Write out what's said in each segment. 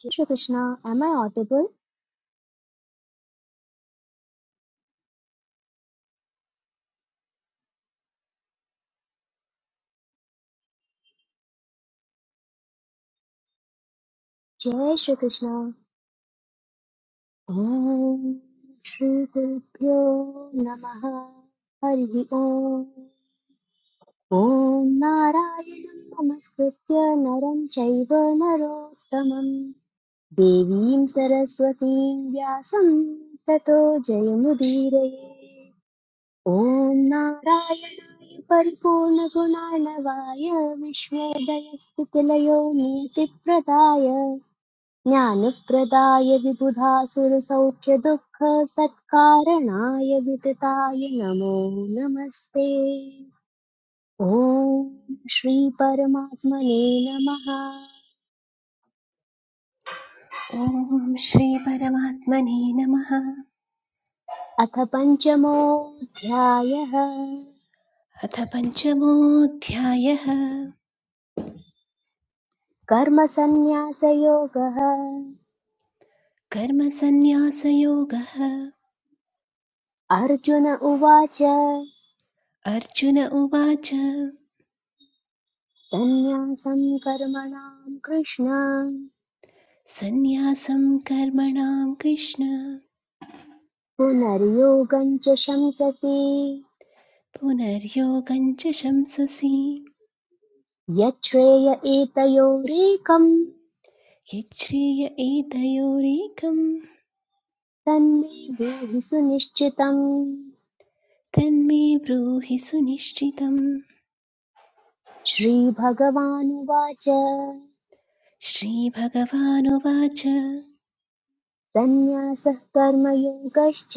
जय Shri Krishna am I audible जय श्री कृष्णा ओम श्री गुरुभ्यो नमः हरि ओम ओम नारायणं नमस्कृत्य नरं चैव नरोत्तमं देवीं सरस्वतीं व्यासं ततो जयमुदीरये ॐ नारायणाय परिपूर्णगुणार्णवाय विश्वोदयस्थितिलयो नियतिप्रदाय ज्ञानप्रदाय विबुधासुरसौख्यदुःखसत्कारणाय वितताय नमो नमस्ते ॐ श्रीपरमात्मने नमः ॐ श्रीपरमात्मने नमः अथ पञ्चमोऽध्यायः अथ पञ्चमोऽध्यायः कर्मसन्न्यासयोगः कर्मसन्न्यासयोगः अर्जुन उवाच अर्जुन उवाच सन्न्यासं कर्मणां कृष्ण सन्न्यासं कर्मणां कृष्ण पुनर्योगं च शंससि पुनर्योगं च शंससि यच्छ्रेय एतयोरेकम् यच्छ्रेय एतयोरेकं तन्मे ब्रूहि सुनिश्चितम् तन्मे ब्रूहि सुनिश्चितम् श्रीभगवानुवाच श्रीभगवानुवाच सन्न्यासः कर्मयोगश्च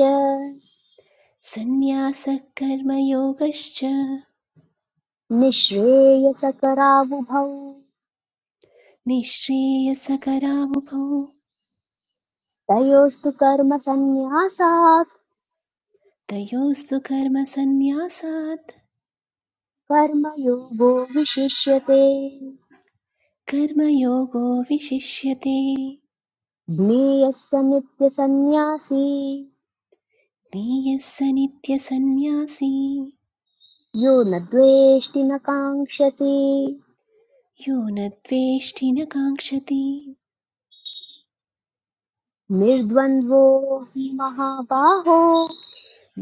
सन्न्यासः कर्मयोगश्च निःश्रेयसकरावुभौ निःश्रेयसकरावुभौ तयोस्तु कर्मसन्न्यासात् तयोस्तु कर्मसन्न्यासात् कर्मयोगो विशिष्यते कर्मयोगो विशिष्यते ज्ञेयः स नित्यसन्न्यासी नेयः स नित्यसन्न्यासी यो न द्वेष्टि न काङ्क्षति यो न द्वेष्टि न काङ्क्षति निर्द्वन्द्वो हि महाबाहो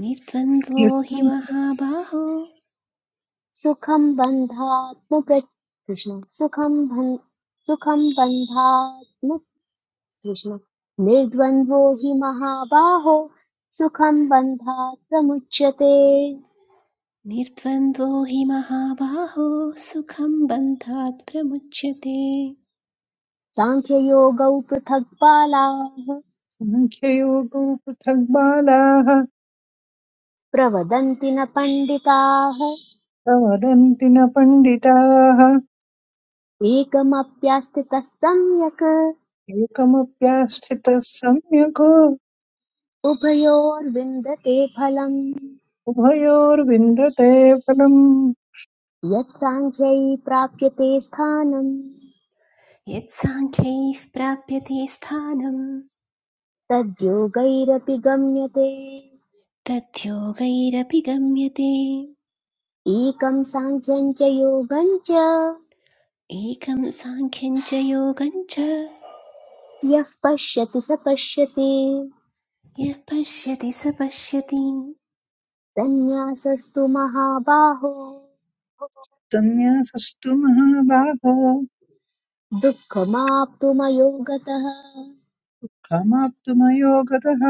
निर्द्वन्द्वो हि युक्तैः महाबाहो सुखं बन्धात्मप्रच कृष्ण सुखं बन् सुखं बन्धात्म कृष्ण निर्द्वन्द्वो हि महाबाहो सुखं बन्धात् प्रमुच्यते निर्द्वन्द्वो हि महाबाहो सुखं बन्धात् प्रमुच्यते साङ्ख्ययोगौ पृथक् बालाः साङ्ख्ययोगो पृथग्बालाः प्रवदन्ति न पण्डिताः प्रवदन्ति न पण्डिताः एकमप्यास्थितः सम्यक् एकमप्याश्रितः सम्यको उभयोर्विन्दते फलम् उभयोर्विन्दते फलम् यत्साङ्ख्यै प्राप्यते स्थानम् यत्साङ्ख्यैः प्राप्यते स्थानं तद्योगैरपि गम्यते तद्योगैरपि गम्यते एकं साङ्ख्यं च योगं च एकं साङ्ख्यं च योगं च यः पश्यति स पश्यति यः पश्यति स पश्यति सन्न्यासस्तु महाबाहो सन्न्यासस्तु महाबाहो दुःखमाप्तुमयोगतः कामाप्तुमयोगतः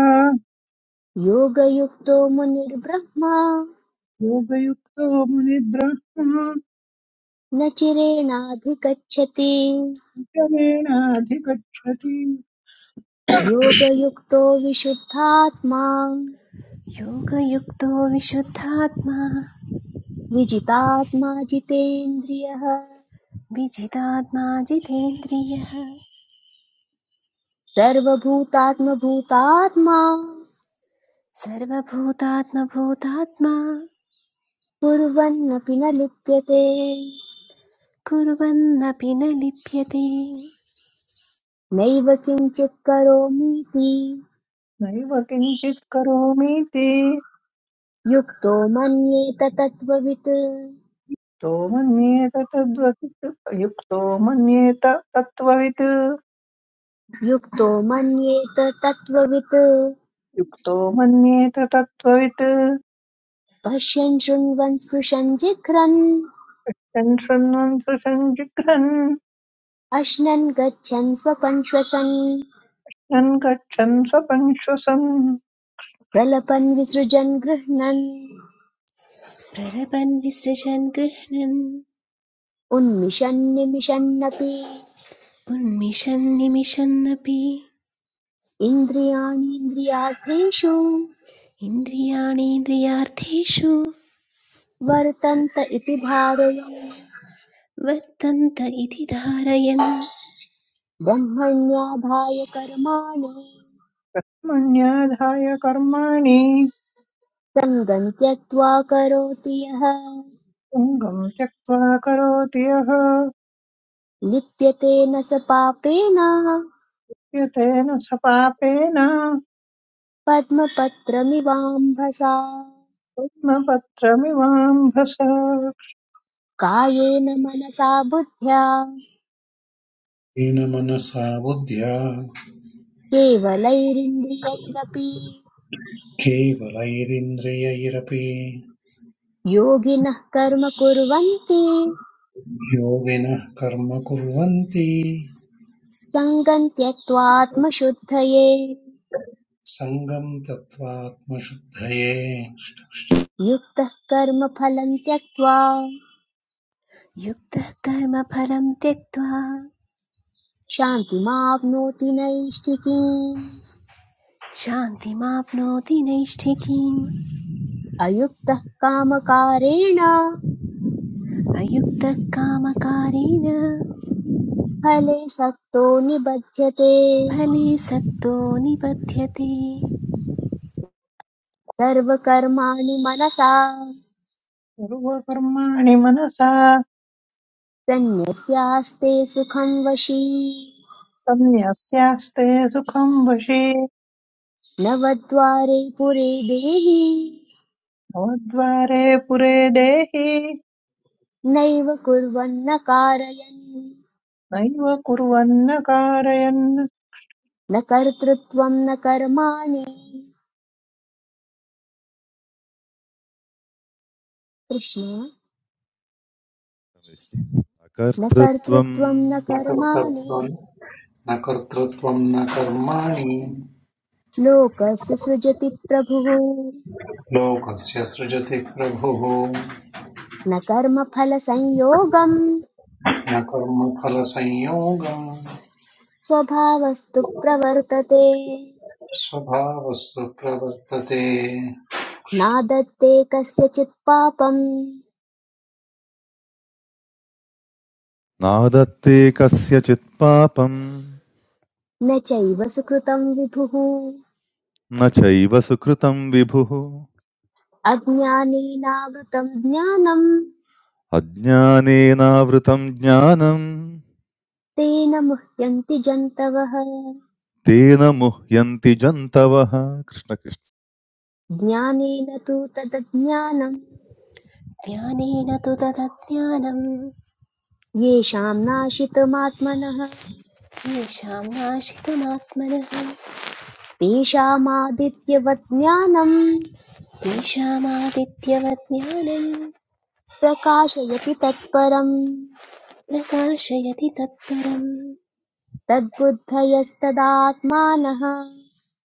योगयुक्तो मुनिर्ब्रह्मा योगयुक्तो मुनिब्रह्मा न चिरेणाधिगच्छति क्रमेणाधिगच्छति योगयुक्तो विशुद्धात्मा योगयुक्तो विशुद्धात्मा विजितात्मा जितेन्द्रियः विजितात्मा जितेन्द्रियः सर्वभूतात्मभूतात्मा सर्वभूतात्मभूतात्मा कुर्वन्नपि न लिप्यते कुर्वन्नपि न लिप्यते नैव किञ्चित् करोमीति नैव किञ्चित् करोमीति युक्तो मन्येत तत्त्ववित् तो मन्येत तद्वत् युक्तो मन्येत तत्त्ववित् युक्तो मन्येत तत्त्ववित् युक्तो मन्येत तत्त्ववित् पश्यन् शृण्वन् स्पृशन् जिघ्रन् यन् शृण्वन् सृशं जिघ्रन् अश्नन् गच्छन् स्वपन् श्वसन् यन् गच्छन् स्वपन् श्वसन् प्रलपन् विसृजन् गृह्णन् प्रलपन् विसृजन् गृह्णन् उन्मिषन् निमिषन्नपि उन्मिषन् निमिषन्नपि इन्द्रियाणीन्द्रियार्थेषु इन्द्रियाणीन्द्रियार्थेषु वर्तन्त इति धारयन् वर्तन्त इति धारयन् ब्रह्मण्याधाय कर्माणि मण्याधाय कर्माणि सङ्गं त्यक्त्वा करोति यः तुङ्गम् त्यक्त्वा करोति यः लिप्यते न स पापेन यतेन स पापेन पद्मपत्रमिवाम्भसा पद्मपत्रमिवाम्भस कायेन मनसा बुद्ध्या येन मनसा बुद्ध्या केवलैरिन्द्रियैरपि केवलैरिन्द्रियैरपि योगिनः कर्म कुर्वन्ति योगिनः कर्म कुर्वन्ति सङ्गं त्यक्त्वात्मशुद्धये सङ्गम् तत्त्वात्मशुद्धये युक्तः कर्म फलं त्यक्त्वा युक्तः कर्मफलं त्यक्त्वा शान्तिमाप्नोति नैष्ठिकीम् शान्तिमाप्नोति नैष्ठिकीम् अयुक्तः कामकारेण अयुक्तः कामकारेण फले सक्तो निबध्यते फले सक्तो निबध्यते सर्वकर्माणि मनसा सर्वकर्माणि मनसा सन्न्यस्यास्ते सुखं वशी संन्यस्यास्ते सुखं वशे नवद्वारे पुरे देहि भवद्वारे पुरे देहि नैव कुर्वन्न कारयन् नैव कुर्वन्न कारयन् न कर्तृत्वं न कर्माणि कृष्ण न अकर्तृत्वम् कर्तृत्वं न न कर्माणि कर्तृत्वम् न कर्तृत्वम् न कर्माणि लोकस्य सृजति प्रभुः लोकस्य सृजति प्रभुः न कर्मफलसंयोगं न कर्मफलसंयोगम् स्वभावस्तु प्रवर्तते स्वभावस्तु प्रवर्तते नादत्ते कस्यचित् पापं नादत्ते कस्यचित् पापम् न चैव सुकृतं विभुः न चैव सुकृतम् विभुः अज्ञानेनावृतं ज्ञानं अज्ञानेनावृतम् ज्ञानम् तेन मुह्यन्ति जन्तवः तेन मुह्यन्ति जन्तवः कृष्णकृष्ण ज्ञानेन तु तदज्ञानं ज्ञानेन तु तदज्ञानम् येषां नाशितमात्मनः येषां नाशितमात्मनः तेषामादित्यवत् ज्ञानं तेषामादित्यवत् ज्ञानम् प्रकाशयति तत्परम् प्रकाशयति तत्परम् तद्बुद्धयस्तदात्मानः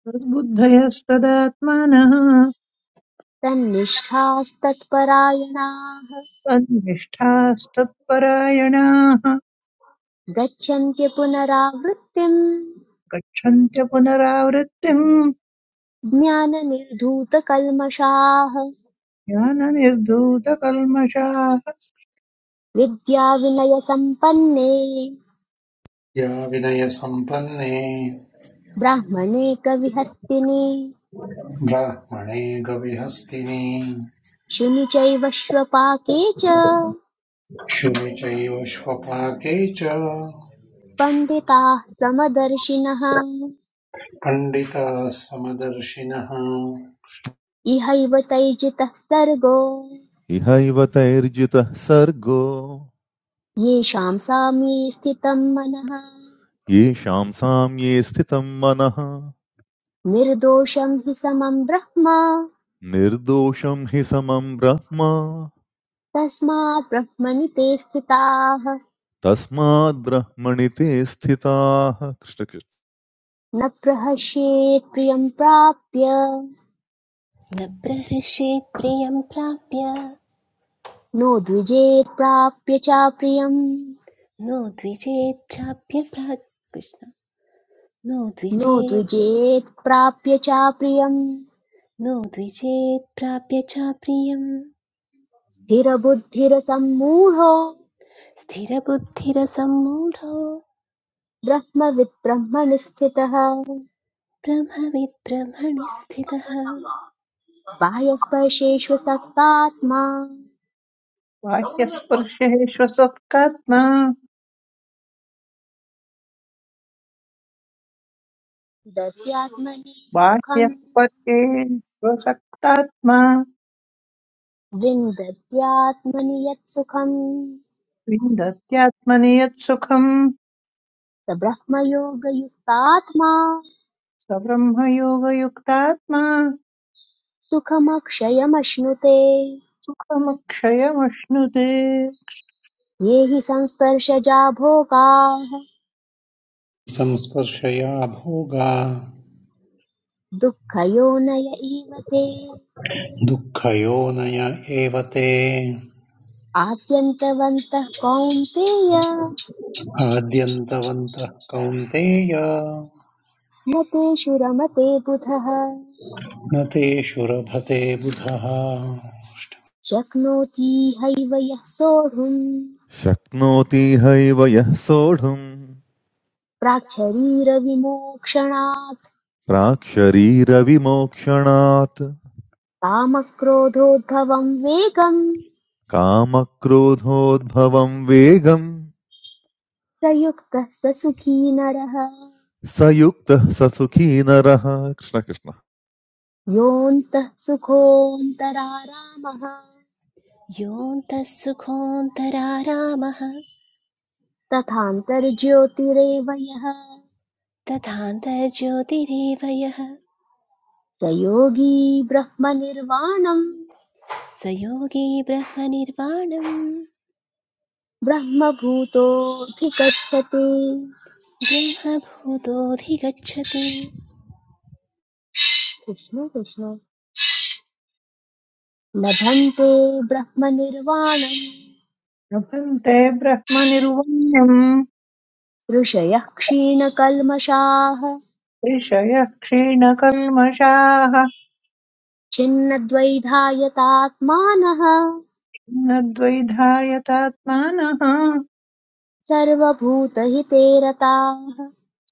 तद्बुद्धयस्तदात्मानः तन्निष्ठास्तत्परायणाः तन्निष्ठास्तत्परायणाः गच्छन्त्य पुनरावृत्तिम् गच्छन्त्य पुनरावृत्तिम् ज्ञाननिर्धूतकल्मषाः ज्ञाननिर्धूतकल्मषाः विद्याविनयसम्पन्ने या विनयसम्पन्ने ब्राह्मणे कविहस्तिनि ब्राह्मणे गविहस्तिनि शिनि चैव श्वपाके च क्षुमि श्वपाके च पण्डिताः समदर्शिनः खण्डिताः समदर्शिनः इहैव तैर्जितः सर्गो इहैव तैर्जितः सर्गो येषां साम्ये स्थितं मनः येषां साम्ये स्थितं मनः निर्दोषं हि समं ब्रह्म निर्दोषं हि समं ब्रह्म तस्मात् ब्रह्मणि ते स्थिताः तस्माद्ब्रह्मणि ते स्थिताः कृष्णकृष्ण न प्रहस्येत् प्रियं प्राप्य न प्रहृष्येत् प्रियं प्राप्य नो द्विजेत् प्राप्य चाप्रियम् नो द्विजेच्छाप्य नो नो द्विजेत् द्विजेत् प्राप्य चाप्रियम् नो द्विजेत् प्राप्य चाप्रियम् स्थिरबुद्धिरसम्मूढो स्थिरबुद्धिरसम्मूढो ब्रह्मविद् ब्रह्मणि स्थितः ब्रह्मविद्ब्रह्मणि स्थितः बाह्यस्पर्शेष्व सक्तात्मा बाह्यस्पर्शेष्वसक्तात्मा दद्यात्मनि सुखम् बाह्यस्पर्शेष्वसक्तात्मा विन्दत्यात्मनि यत्सुखम् विन्दत्यात्मनि यत्सुखम् स ब्रह्मयोगयुक्तात्मा स ब्रह्मयोगयुक्तात्मा सुखमक्षयमश्नुते सुखमक्षयमश्नुते ये हि संस्पर्शजा भोगाः संस्पर्शया भोगा दुःखयोनय इव ते दुःखयोनय एवते ते आद्यन्तवन्तः कौन्तेय आद्यन्तवन्तः कौन्तेय न तेषु रमते बुधः न तेषु रभते बुधः शक्नोति हैव यः सोढुम् शक्नोति हैव यः सोढुम् प्राक्शरीरविमोक्षणात् प्राक्शरीरविमोक्षणात् कामक्रोधोद्भवम् वेगम् कामक्रोधोद्भवं वेगं स युक्तः स सुखी नरः स युक्तः स सुखी नरः कृष्ण कृष्ण योऽन्तः सुखोऽन्तरारामः योऽन्तः सुखोऽन्तरारामः तथान्तर्ज्योतिरेव यः तथान्तर्ज्योतिरेव यः स योगी ब्रह्मनिर्वाणम् स योगी ब्रह्मनिर्वाणम् ब्रह्मभूतोऽधिगच्छति ब्रह्मभूतोऽधिगच्छति कृष्ण कृष्ण लभन्ते ब्रह्मनिर्वाणम् लभन्ते ब्रह्मनिर्वाणम् ऋषयः क्षीणकल्मषाः ऋषयः क्षीणकल्मषाः छिन्नद्वैधायतात्मानः न द्वैधायतात्मानः सर्वभूतहिते रताः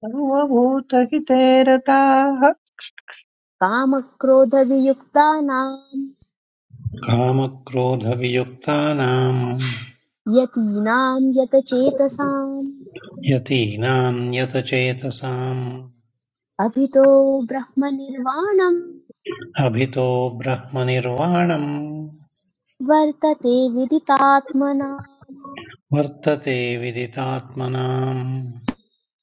सर्वभूतहिते रताः कामक्रोधवियुक्तानाम् कामक्रोधवियुक्तानाम् यतीनाम् यतचेतसाम् यतीनाम् यतचेतसाम् अभितो ब्रह्मनिर्वाणम् अभितो ब्रह्मनिर्वाणम् वर्तते विदितात्मनां वर्तते विदितात्मनाम्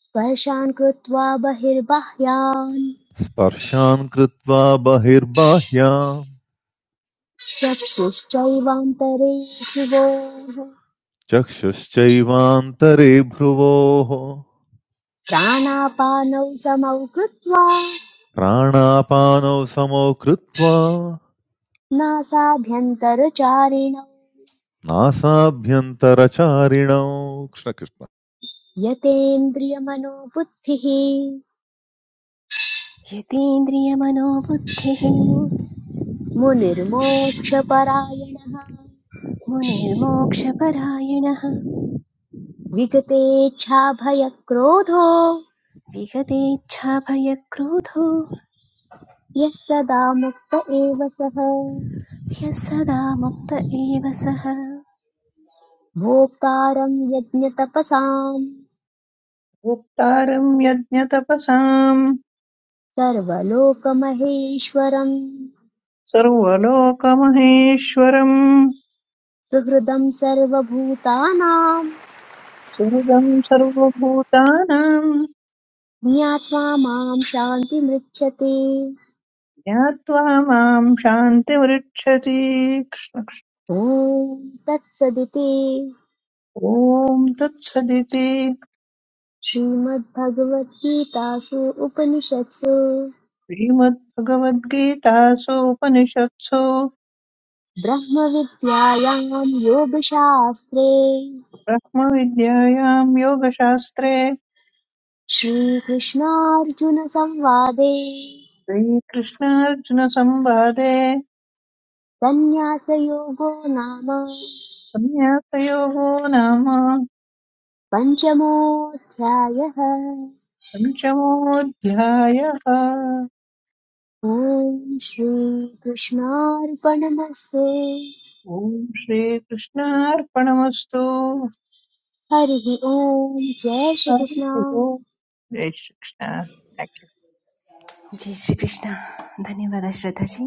स्पर्शान् कृत्वा बहिर्बाह्यान् स्पर्शान् कृत्वा बहिर्बाह्या चक्षुश्चैवान्तरे भ्रुवोः चक्षुश्चैवान्तरे भ्रुवोः प्राणापानौ समौ कृत्वा प्राणापानौ समौ कृत्वा नासाभ्यन्तरचारिणौ नासाभ्यन्तरचारिणौ कृष्ण कृष्ण यतेन्द्रियमनोबुद्धिः यतीन्द्रियमनोबुद्धिः मुनिर्मोक्षपरायणः मुनिर्मोक्षपरायणः विगतेच्छाभयक्रोधो विगतेच्छाभयक्रोधो यः सदा मुक्त एव सः ह्यः सदा मुक्त एव सः भोक्तारं यज्ञतपसाम् गुप्तारं यज्ञतपसाम् सर्वलोकमहेश्वरं सर्वलोकमहेश्वरम् सुहृदं सर्वभूतानां सुहृदम् सर्वभूतानाम् ज्ञात्वा मां शान्तिमृच्छते ज्ञात्वा माम् शान्तिमृच्छति कृष्ण कृष्ण। ॐ तत्सदिति ॐ तत्सदिति श्रीमद्भगवद्गीतासु उपनिषत्सु श्रीमद्भगवद्गीतासु उपनिषत्सु ब्रह्मविद्यायां योगशास्त्रे ब्रह्मविद्यायां योगशास्त्रे श्रीकृष्णार्जुनसंवादे श्रीकृष्णार्जुनसंवादे सन्न्यासयोगो नाम संन्यासयोगो नाम पञ्चमोऽध्यायः पञ्चमोऽध्यायः ॐ श्रीकृष्णार्पणमस्तु ॐ श्रीकृष्णार्पणमस्तु हरिः ॐ जय श्रीकृष्ण हरिः ओम्। जय श्रीकृष्ण Thank you. जय श्री कृष्णा धन्यवाद श्रद्धा जी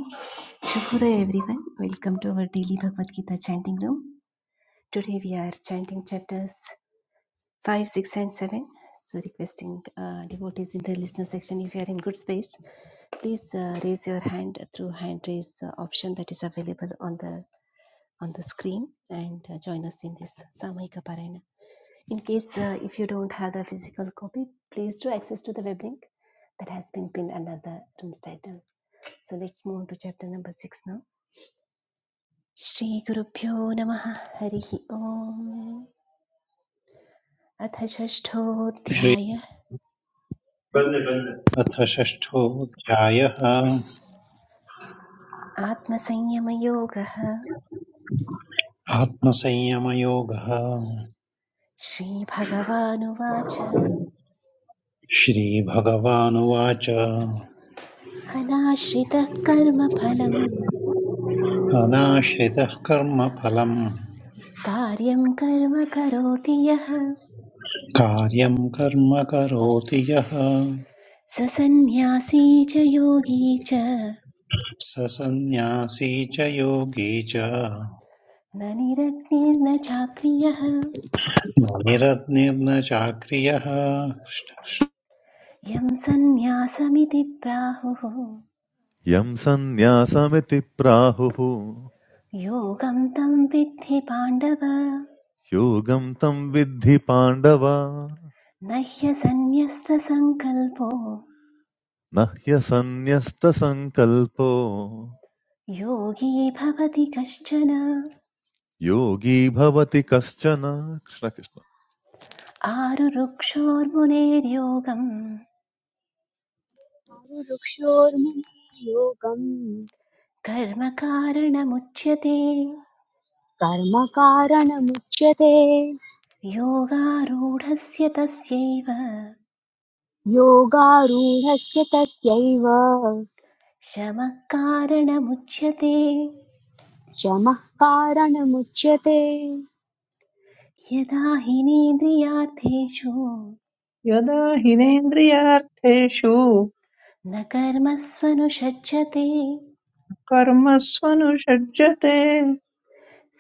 Shubhodaya everyone. Welcome to our daily Bhagavad Gita chanting room. Today we are chanting chapters 5, 6 and 7. So requesting uh, devotees in the listener section if you are in good space, please uh, raise your hand through hand raise uh, option that is available on the on the screen and uh, join us in this Samahika Parayana. In case uh, if you don't have the physical copy, please do access to the web link that has been pinned under the room's title. So let's move to chapter number six now. Shri gurubhyo श्रीगुरुभ्यो नमः हरिः ओम् अथ श्री षष्ठोऽध्याय अथ षष्ठोऽध्यायः आत्मसंयमयोगः आत्मसंयमयोगः श्रीभगवानुवाच श्रीभगवानुवाच अनाश्रितः कर्मफलम् अनाश्रितः कर्मफलम् कार्यं कर्म करोति यः कार्यं कर्म करोति यः स सन्न्यासी च योगी च स सन्न्यासी च योगी च न निरग्निर्न चाक्रियः निरग्निर्न चाक्रियः यं सन्न्यासमिति प्राहुः यं सन्न्यासमिति प्राहुः योगं तं विद्धि पाण्डव योगं तं विद्धि पाण्डव न ह्यसन्न्यस्तसङ्कल्पो न ह्यसन्न्यस्तसङ्कल्पो योगी भवति कश्चन योगी भवति कश्चन कृष्णकृष्ण आरुरुक्षोर्मुनेर्योगं वृक्षोर्मुनिर्योगम् कर्मकारणमुच्यते कर्म कारणमुच्यते योगारूढस्य तस्यैव योगारूढस्य तस्यैव शमः कारणमुच्यते शमः कारणमुच्यते यदा हिनेन्द्रियार्थेषु यदा हिनेन्द्रियार्थेषु न कर्मस्वनुषज्यते कर्मस्वनुषज्यते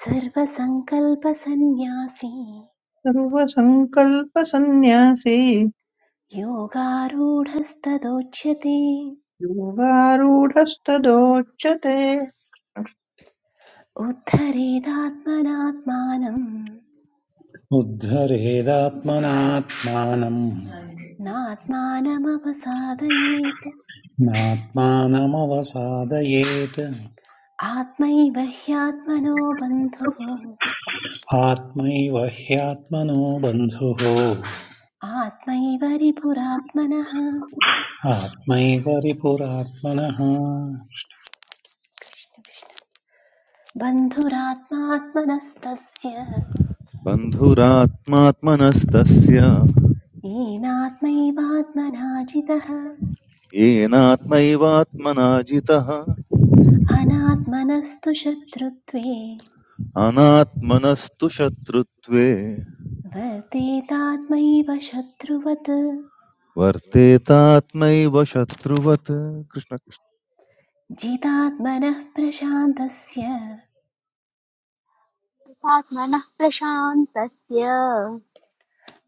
सर्वसङ्कल्पसन्न्यासी सर्वसङ्कल्पसन्न्यासी योगारूढस्तदोच्यते योगारूढस्तदोच्यते उद्धरेदात्मनात्मानम् उद्धरेदात्मनात्मानम् नात्मानमवसादयेत् नात्मानमवसादयेत् आत्मैव ह्यात्मनो बन्धुः आत्मैव ह्यात्मनो बन्धुः आत्मैव रिपुरात्मनः आत्मैव रिपुरात्मनः कृष्ण कृष्ण। बन्धुरात्मात्मनस्तस्य बन्धुरात्मात्मनस्तस्य येनात्मैवात्मना जितः येनात्मैवात्मना जितः अनात्मनस्तु शत्रुत्वे अनात्मनस्तु शत्रुत्वे वर्तेतात्मैव शत्रुवत् वर्तेतात्मैव शत्रुवत् कृष्णकृष्ण जितात्मनः प्रशान्तस्य आत्मनः प्रशान्तस्य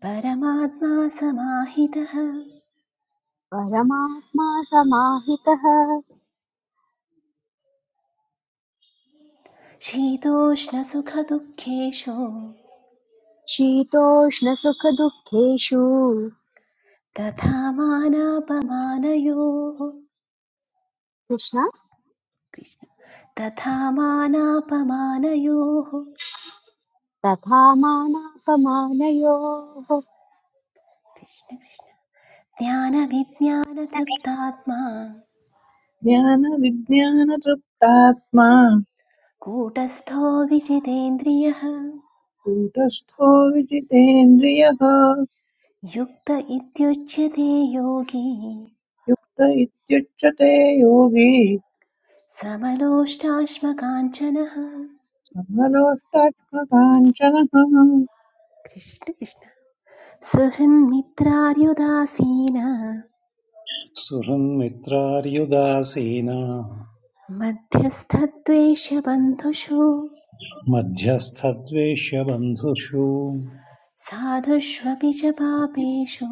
परमात्मा समाहितः परमात्मा समाहितः शीतोष्णसुखदुःखेषु शीतोष्णसुखदुःखेषु तथा मानापमानयोः कृष्ण कृष्ण तथा मानापमानयोः तथा मानापमानयोः कृष्ण कृष्ण ज्ञानविज्ञानतृप्तात्मा ज्ञानविज्ञानतृप्तात्मा कूटस्थो विजितेन्द्रियः कूटस्थो विजितेन्द्रियः युक्त इत्युच्यते योगी युक्त इत्युच्यते योगी समलोष्टाश्मकाञ्चनः समलोष्टात्मकाञ्चनः कृष्ण कृष्ण सुहृन्मित्रार्युदासीन सुहृन्मित्रार्युदासीना मध्यस्थद्वेषबन्धुषु मध्यस्थद्वेष्यबन्धुषु साधुष्वपि च पापेषु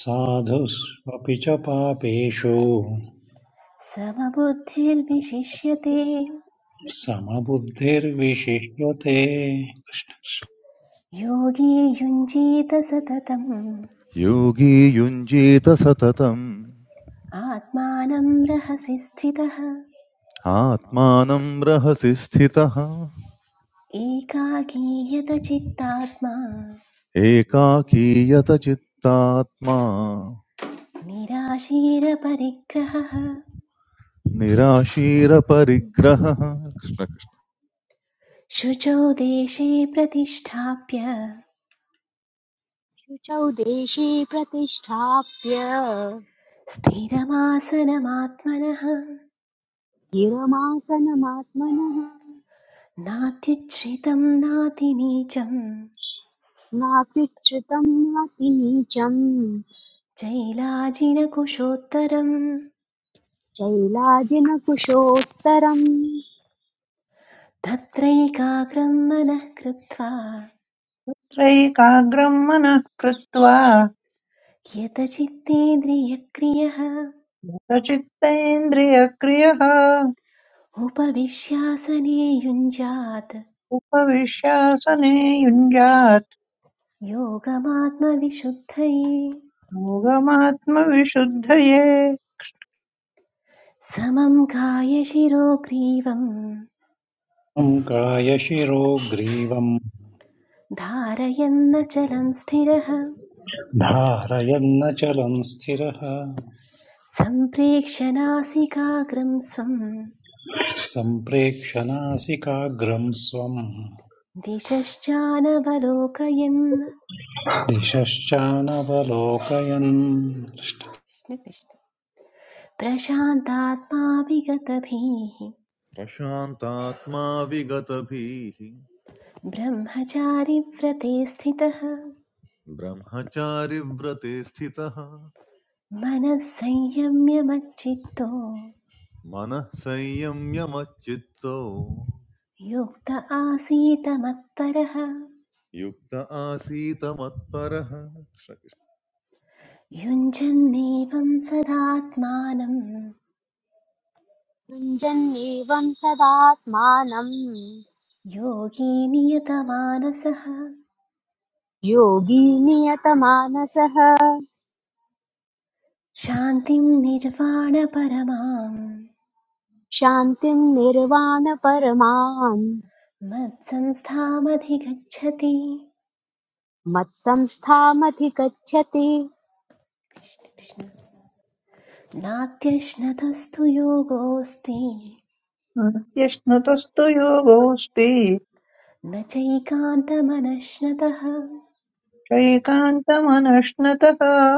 साधुष्वपि च पापेषु समबुद्धिर्विशिष्यते समबुद्धिर्विशिष्यते योगी युञ्जीत सततम् योगी युञ्जीत सततम् आत्मानं रहसि स्थितः आत्मानं रहसि स्थितः एकाकीयत चित्तात्मा एकाकी यतचित्तात्मा निराशीरपरिग्रहः निराशीरपरिग्रहः कृष्णकृष्ण शुचौ देशे प्रतिष्ठाप्य शुचौ देशे प्रतिष्ठाप्य स्थिरमासनमात्मनः गिरमासनमात्मनः नात्युच्छ्रितं नातिनीचं नात्युच्छ्रितं नाति नीचं चैलाजिनकुशोत्तरम् चैलाजिनकुशोत्तरम् तत्रैकाग्रं मनः कृत्वा त्रैकाग्रम् मनः कृत्वा यतचित्तेन्द्रियक्रियः सचित्तेन्द्रियक्रियः उपविश्यासने युञ्जात् उपविश्यासने युञ्जात् योगमात्मविशुद्धये योगमात्मविशुद्धये समं कायशिरो ग्रीवं तं कायशिरो ग्रीवम् धारयन्न चलं स्थिरः धारयन्नचलम् स्थिरः सम्प्रेक्षनासिकाग्रं स्वम् सम्प्रेक्षनासिकाग्रम् स्वम् दिशश्चानवलोकयन् दिशश्चानवलोकयन् कृष्ण कृष्ण। प्रशान्तात्मा विगतभिः प्रशान्तात्मा विगतभीः ब्रह्मचारिव्रते स्थितः ब्रह्मचारिव्रते स्थितः मनः संयम्यमच्चित्तो मनः संयम्यमच्चित्तो युक्त आसीत मत्परः युक्त आसीत मत्परः युञ्जन्नेवं सदात्मानं युञ्जन्नेवं सदात्मानं योगी नियतमानसः योगी नियतमानसः शान्तिं निर्वाणपरमां शान्तिं निर्वाणपरमां मत्संस्थामधिगच्छति मत्संस्थामधिगच्छति कृष्ण नात्यश्नतस्तु योगोऽस्ति नित्यश्नुतस्तु योगोऽस्ति न चैकान्तमनश्नतः चैकान्तमनश्नतः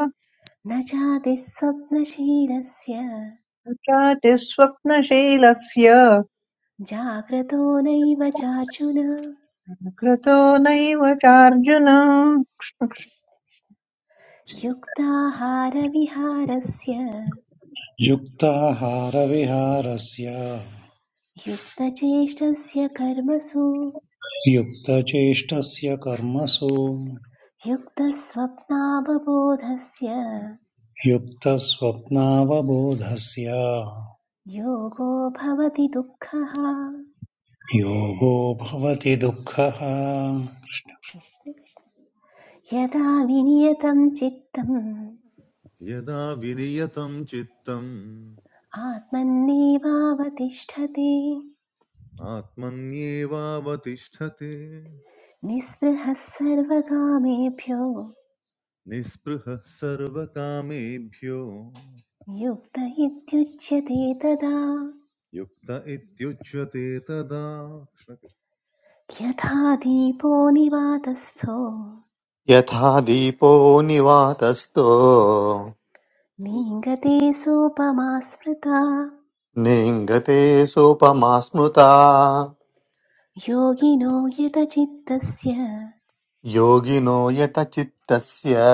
न चातिस्वप्नशीलस्य चातिस्वप्नशीलस्य जाग्रतो नैव चार्जुन कृतो नैव चार्जुन युक्ताहारविहारस्य युक्ताहारविहारस्य युक्तचेष्टस्य कर्मसु युक्तचेष्टस्य कर्मसु युक्तस्वप्नावबोधस्य युक्तस्वप्नावबोधस्य योगो भवति दुःखः योगो भवति दुःखः कृष्ण कृष्ण। यदा विनियतं चित्तम् यदा विनियतं चित्तम् आत्मन्नेवावतिष्ठते आत्मन्येवावतिष्ठते निःस्पृहः सर्वकामेभ्यो निःस्पृहः सर्वकामेभ्यो युक्त इत्युच्यते तदा युक्त इत्युच्यते तदा कृष्ण कृष्ण। यथा दीपो निवातस्थो यथा दीपो निवातस्थो नीङ्गते सोपमा स्मृता नेङ्गते सोपमा स्मृता योगिनो यतचित्तस्य योगिनो यतचित्तस्य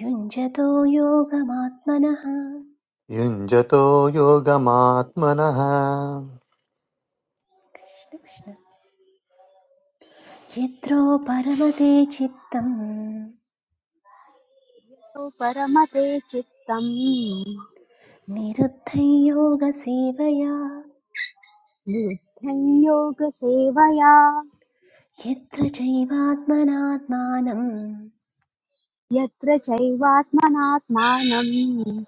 युञ्जतो योगमात्मनः युञ्जतो योगमात्मनः कृष्ण कृष्ण यत्रो परमते चित्तं तौ परमते चित्तम् निरुद्धं योगसेवया निरुद्धं योगसेवया यत्र चैवात्मनात्मानं यत्र चैवात्मनात्मानम्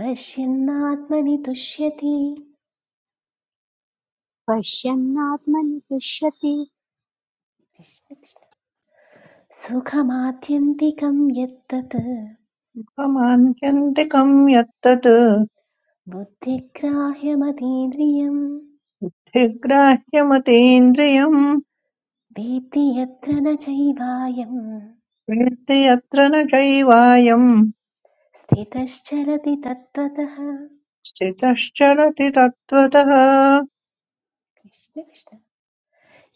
पश्यन्नात्मनि तुष्यति पश्यन्नात्मनि तुष्यति कृष्ण, कृष्ण। सुखमात्यन्तिकं यत्तत् क्षमान्त्यन्तिकम् यत्तत् बुद्धिग्राह्यमतीन्द्रियं धिग्राह्यमतीन्द्रियम् वेत्ति यत्र न चैवायं वेत्ति यत्र न चैवायम् स्थितश्चरति तत्त्वतः स्थितश्चलति तत्त्वतः कृष्ण कृष्ण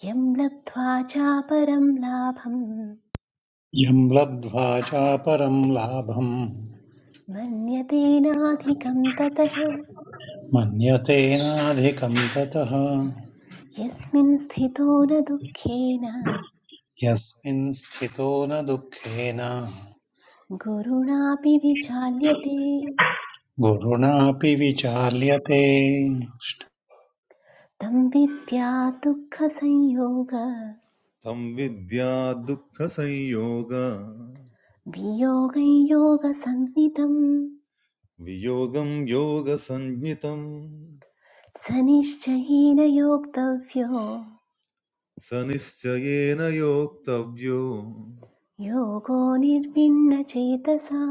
यं लब्ध्वा चापरं लाभं यं लब्ध्वा चापरं लाभम् मन्यते नाधिकं ततः मन्यते नाधिकं ततः यस्मिन् स्थितो न दुःखेन यस्मिन् स्थितो न दुःखेन गुरुणापि विचाल्यते गुरुणापि विचाल्यते तं विद्या दुःखसंयोग तं विद्या दुःखसंयोग वियोगं योगसन्निधं वियोगं योगसञ्ज्ञितम् स निश्चयेन योक्तव्यो स निश्चयेन योक्तव्यो योगो निर्भिन्नचेतसा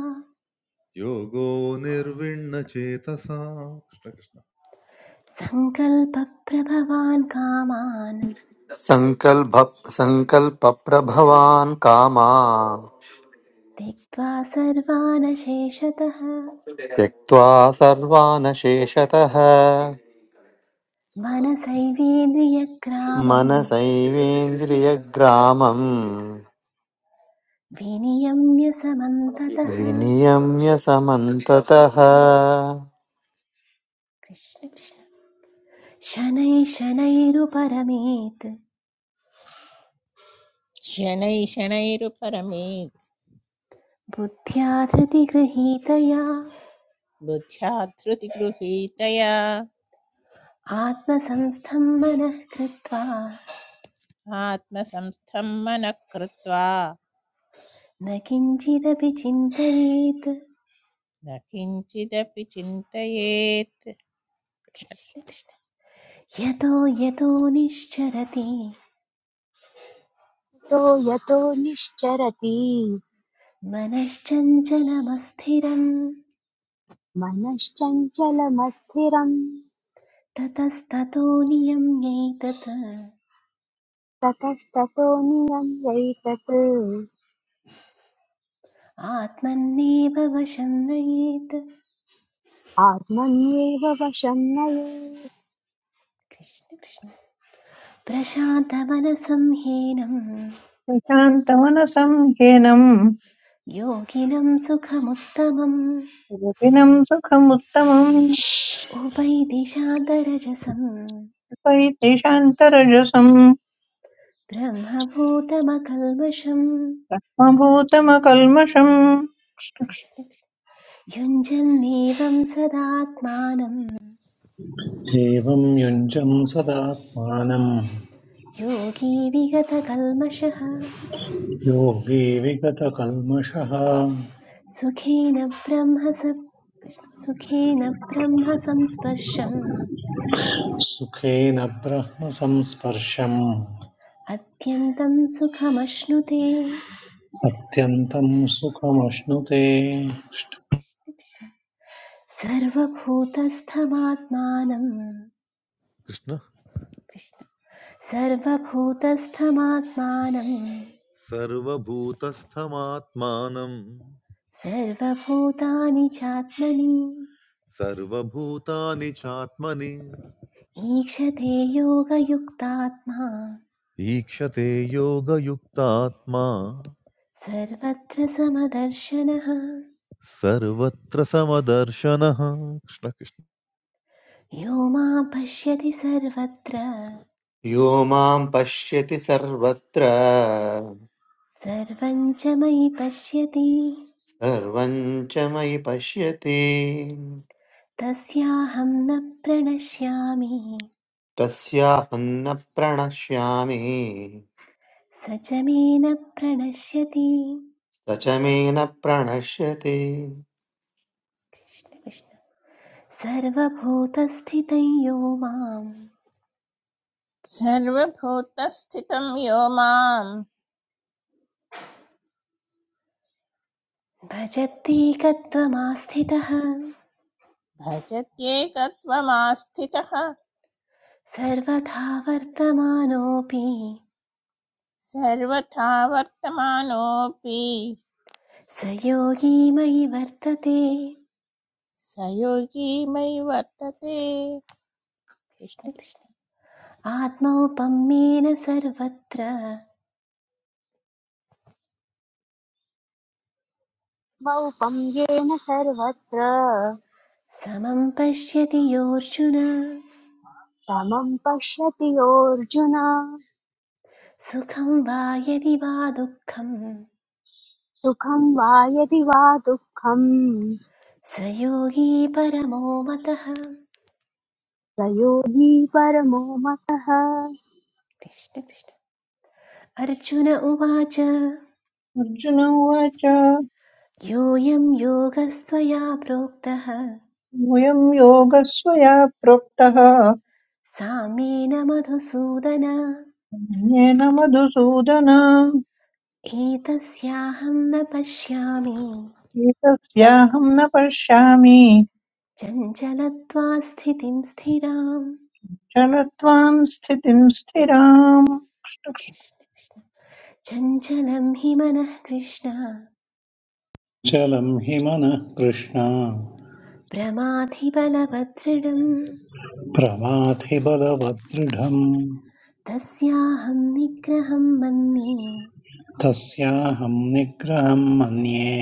योगो निर्विण्णचेतसा कृष्ण कृष्ण सङ्कल्पप्रभवान् कामान् सङ्कल्प सङ्कल्पप्रभवान् कामा त्यक्त्वा सर्वान् शेषतः त्यक्त्वा सर्वानशेषतः मनसैवेन्द्रियग्रामं मनसैवेन्द्रियग्रामम् विनियम्य समन्ततः विनियम्य समन्ततः कृष्ण कृष्ण शनै शनैरुपरमेत् शनै शनैरुपरमेत् बुद्ध्या धृतिगृहीतया बुद्ध्या धृतिगृहीतया आत्मसंस्थं मनः कृत्वा आत्मसंस्थं मनः कृत्वा न किञ्चिदपि चिन्तयेत् न किञ्चिदपि चिन्तयेत् यतो यतो निश्चरति तो यतो निश्चरति मनश्चञ्चलमस्थिरं मनश्चञ्चलमस्थिरम् ततस्ततो नियम्यैतत् ततस्ततो नियम्यैतत् आत्मन्नेव वशं नयेत् आत्मन्येव वशं नये कृष्ण कृष्ण प्रशान्तमनसं हीनं प्रशान्तमनसं ह्येनम् योगिनं सुखमुत्तमम् रतिनम् सुखमुत्तमम् उपैति शान्तरजसं उपैति शान्तरजसम् ब्रह्मभूतमकल्मषम् मभूतमकल्मषम् कृष्ण कृष्ण। युञ्जन्नेवं सदात्मानं एवं युञ्जं सदात्मानम् योगी विगतकल्मषः योगी विगतकल्मषः सुखेन ब्रह्म स कृष्ण। सुखेन ब्रह्म सुखेन ब्रह्मसंस्पर्शम् अत्यन्तम् सुखमश्नुते कृष्ण सर्वभूतस्थमात्मानं सर्वभूतस्थमात्मानं सर्वभूतानि चात्मनि सर्वभूतानि चात्मनि ईक्षते योगयुक्तात्मा ईक्षते योगयुक्तात्मा सर्वत्र समदर्शनः सर्वत्र समदर्शनः कृष्ण कृष्ण यो मां पश्यति सर्वत्र यो मां पश्यति सर्वत्र सर्वं च मयि पश्यति सर्वं च मयि पश्यति तस्याहं न प्रणश्यामि तस्याहं न प्रणश्यामि स च मे न प्रणश्यति स च मे न प्रणश्यति कृष्ण कृष्ण सर्वभूतस्थितं यो माम् सर्वभूतस्थितं यो मां भजत्येकत्वमास्थितः भजत्येकत्वमास्थितः सर्वथा वर्तमानोऽपि सर्वथा वर्तमानोऽपि स योगी मयि वर्तते स योगी मयि वर्तते कृष्ण आत्मौपम्येन सर्वत्र मौपं येन सर्वत्र समं पश्यति योऽर्जुन समं पश्यति योऽर्जुन सुखं वा यदि वा दुःखं सुखं वा यदि वा दुःखं स योगी परमो मतः स योगी परमो मतः कृष्ण कृष्ण अर्जुन उवाच अर्जुन उवाच योऽयं योगस्त्वया प्रोक्तः वयं योगस्वया प्रोक्तः सा मेन मधुसूदन अन्येन मधुसूदन एतस्याहं न पश्यामि एतस्याहं न पश्यामि चञ्चलत्वा स्थितिं स्थिराम् चलत्वां स्थितिं स्थिराम् कृष्ण कृष्ण। चञ्चलं हि मनः कृष्ण चलं हि मनः कृष्ण प्रमाथिबलवदृढम् प्रमाथि बलवदृढम् तस्याहं निग्रहं मन्ये तस्याहं निग्रहं मन्ये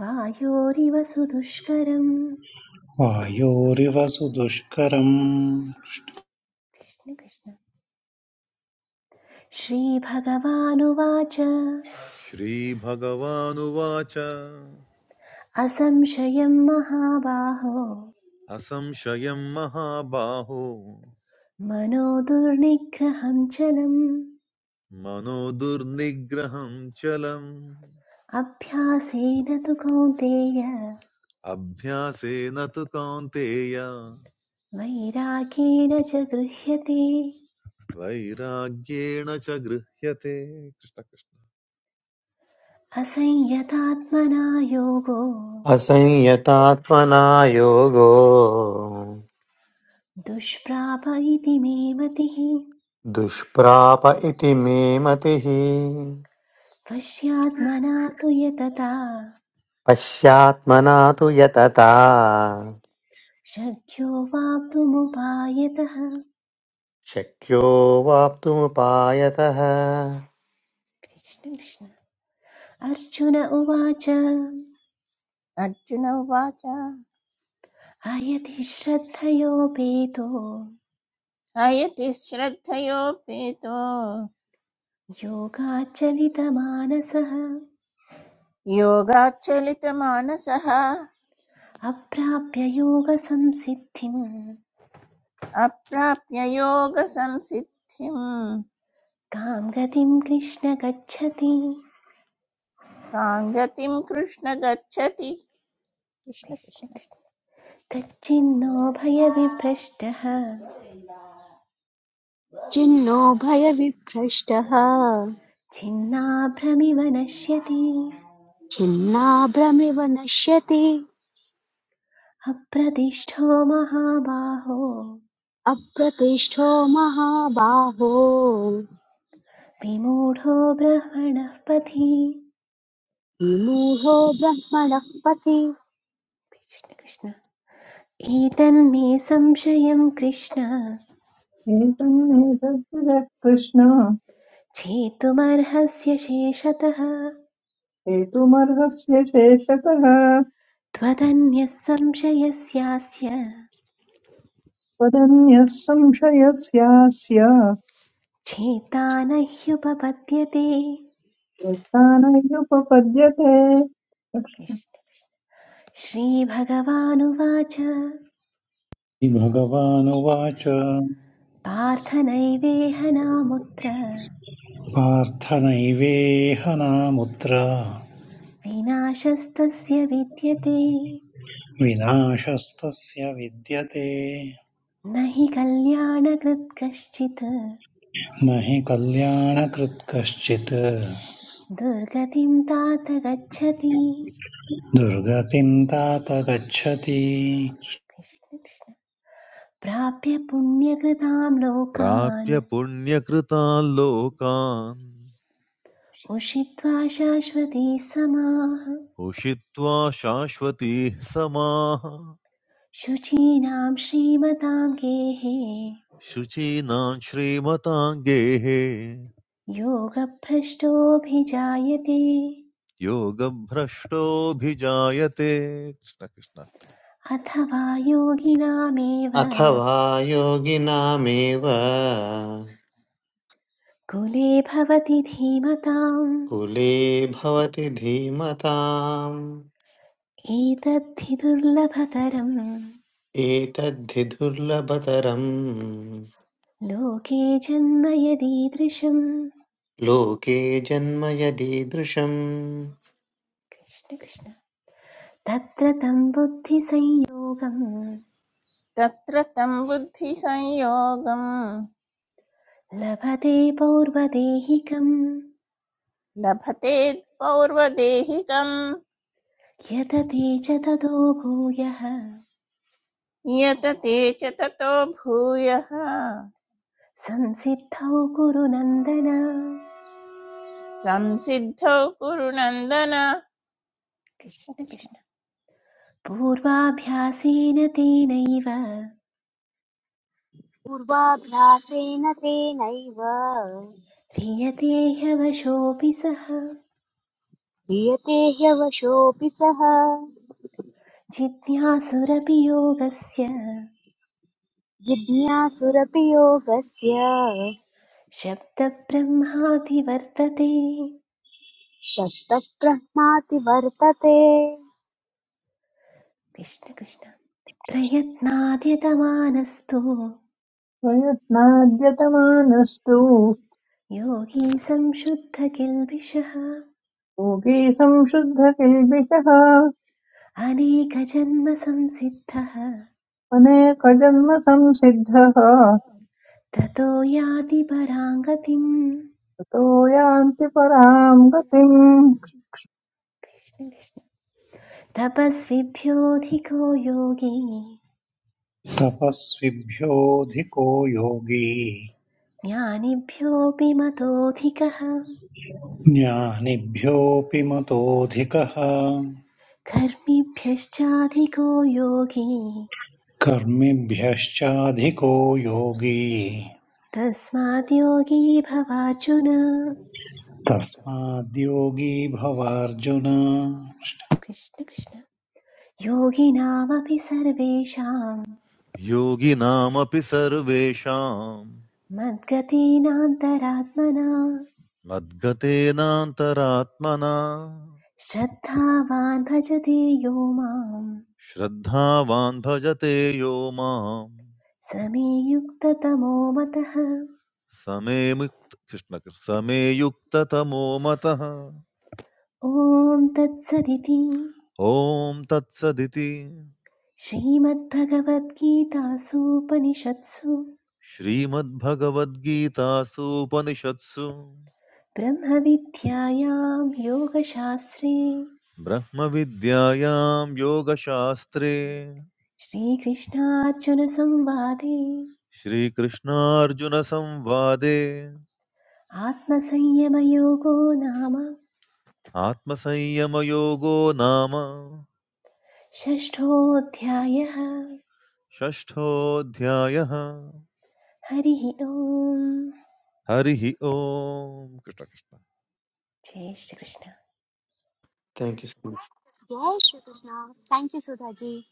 वायोरिव सुदुष्करम् वायोरिव सुदुष्करम् कृष्ण कृष्ण श्रीभगवानुवाच श्रीभगवानुवाच असंशयं महाबाहो असंशयं महाबाहो मनो दुर्निग्रहं चलम् मनो दुर्निग्रहं चलम् अभ्यासेन तु कौन्तेय अभ्यासेन तु कौन्तेय वैराग्येण च गृह्यते वैराग्येण च गृह्यते कृष्ण कृष्ण। असंयतात्मना योगो असंयतात्मना योगो दुष्प्राप इति मे मतिः दुष्प्राप इति मे मतिः पश्यात्मना तु यतता पश्चात्मना तु यतता शक्यो वाप्तुमुपायतः शक्यो वाप्तुमुपायतः कृष्ण कृष्ण अर्जुन उवाच अर्जुन उवाच अयति श्रद्धयोपेतो अयति श्रद्धयोपेतो योगाचलितमानसः योगाच्चलितमानसः अप्राप्य योगसंसिद्धिं अप्राप्य योगसंसिद्धिम् कां गतिं कृष्ण गच्छति कां गतिम् कृष्ण गच्छति कृष्ण कृष्ण कृष्ण कृष्ण तच्चिन्नो भयविभ्रष्टः छिन्नो भयविभ्रष्टः छिन्नाभ्रमिव नश्यति छिन्नाभ्रमिव नश्यति अप्रतिष्ठो महाबाहो अप्रतिष्ठो महाबाहो विमूढो ब्रह्मणः पथि विमूढो ब्रह्मणः पथि कृष्ण कृष्ण एतन्मे संशयं कृष्ण एतन्नेतद्विदः कृष्ण छेतुमर्हस्य शेषतः हेतुमर्हस्य शेषतः त्वदन्यः संशयस्यास्य वदन्यः संशयस्यास्य चेता न ह्युपपद्यते यत्तानैरुपपद्यते कृष्ण। श्रीभगवानुवाच भगवानुवाच पार्थ नैवेह नामुत्र पार्थनैवेह नामुत्र विनाशस्तस्य विद्यते विनाशस्तस्य विद्यते न हि कल्याणकृत् कश्चित् नहि हि कल्याणकृत् कश्चित् दुर्गतिं तात गच्छति दुर्गतिं तात गच्छति प्राप्य पुण्यकृतां लोकान् प्राप्य पुण्यकृतान् लोकान् उषित्वा शाश्वती समाः उषित्वा शाश्वतीः समाः शुचीनां श्रीमतां गेहे शुचीनां श्रीमतां गेहे योगभ्रष्टोऽभिजायते योगभ्रष्टोऽभिजायते कृष्ण कृष्ण अथवा योगिनामेव अथवा योगिनामेव कुले भवति धीमताम् कुले भवति धीमताम् एतद्धि दुर्लभतरम् एतद्धि दुर्लभतरम् लोके जन्म यदीदृशम् लोके जन्म यदीदृशम् कृष्ण कृष्ण तत्र तं बुद्धिसंयोगम् तत्र तं बुद्धिसंयोगम् लभते पौर्वदेहिकम् लभते पौर्वदेहिकम् यतते च ततो भूयः यतते च ततो भूयः संसिद्धौ कुरु नन्दन संसिद्धौ कुरु नन्दन कृष्ण कृष्ण कृष्ण कृष्ण पूर्वाभ्यासेन तेनैव पूर्वाभ्यासेन तेनैव ह्रियते ह्यवशोऽपि सः क्रियते ह्यवशोऽपि सः जिज्ञासुरपि योगस्य जिज्ञासुरपि योगस्य शब्दब्रह्मादिवर्तते शक्तः ब्रह्माति वर्तते कृष्ण कृष्ण प्रयत्नाद्यतमानस्तु प्रयत्नाद्यतमानस्तु योगी संशुद्धकिल्बिषः योगी संशुद्धकिल्बिषः अनेकजन्मसंसिद्धः अनेकजन्म संसिद्धः ततो ततो याति पराङ्गतिम् यान्ति पराम् गतिम् कृष्ण कृष्ण तपस्विभ्योऽधिको योगी तपस्विभ्योऽधिको योगी ज्ञानिभ्योऽपि मतोऽधिकः ज्ञानिभ्योऽपि मतोऽधिकः कर्मिभ्यश्चाधिको योगी कर्मिभ्यश्चाधिको योगी तस्मात् योगी भवार्जुन तस्माद्योगी भव अर्जुन कृष्ण कृष्ण योगिनामपि सर्वेषां योगिनामपि सर्वेषां मद्गतीनान्तरात्मना मद्गतेनान्तरात्मना श्रद्धावान् भजते यो मां श्रद्धावान् भजते यो माम् समे युक्ततमो मतः समे मुक्त कृष्ण कृष्ण- समे युक्ततमो मतः ॐ तत्सदिति ॐ तत्सदिति श्रीमद्भगवद्गीतासूपनिषत्सु श्रीमद्भगवद्गीतासूपनिषत्सु ब्रह्मविद्यायां योगशास्त्रे ब्रह्मविद्यायां योगशास्त्रे श्रीकृष्णार्जुनसंवादे श्रीकृष्णार्जुनसंवादे आत्मसंयमयोगो नाम आत्मसंयमयोगो नाम षष्ठोऽध्यायः षष्ठोऽध्यायः हरिः ओम् हरिः ओम् कृष्ण कृष्ण। जय Shrikrishna thank you so Jai Shri Krishna. Thank you, Sudhaji.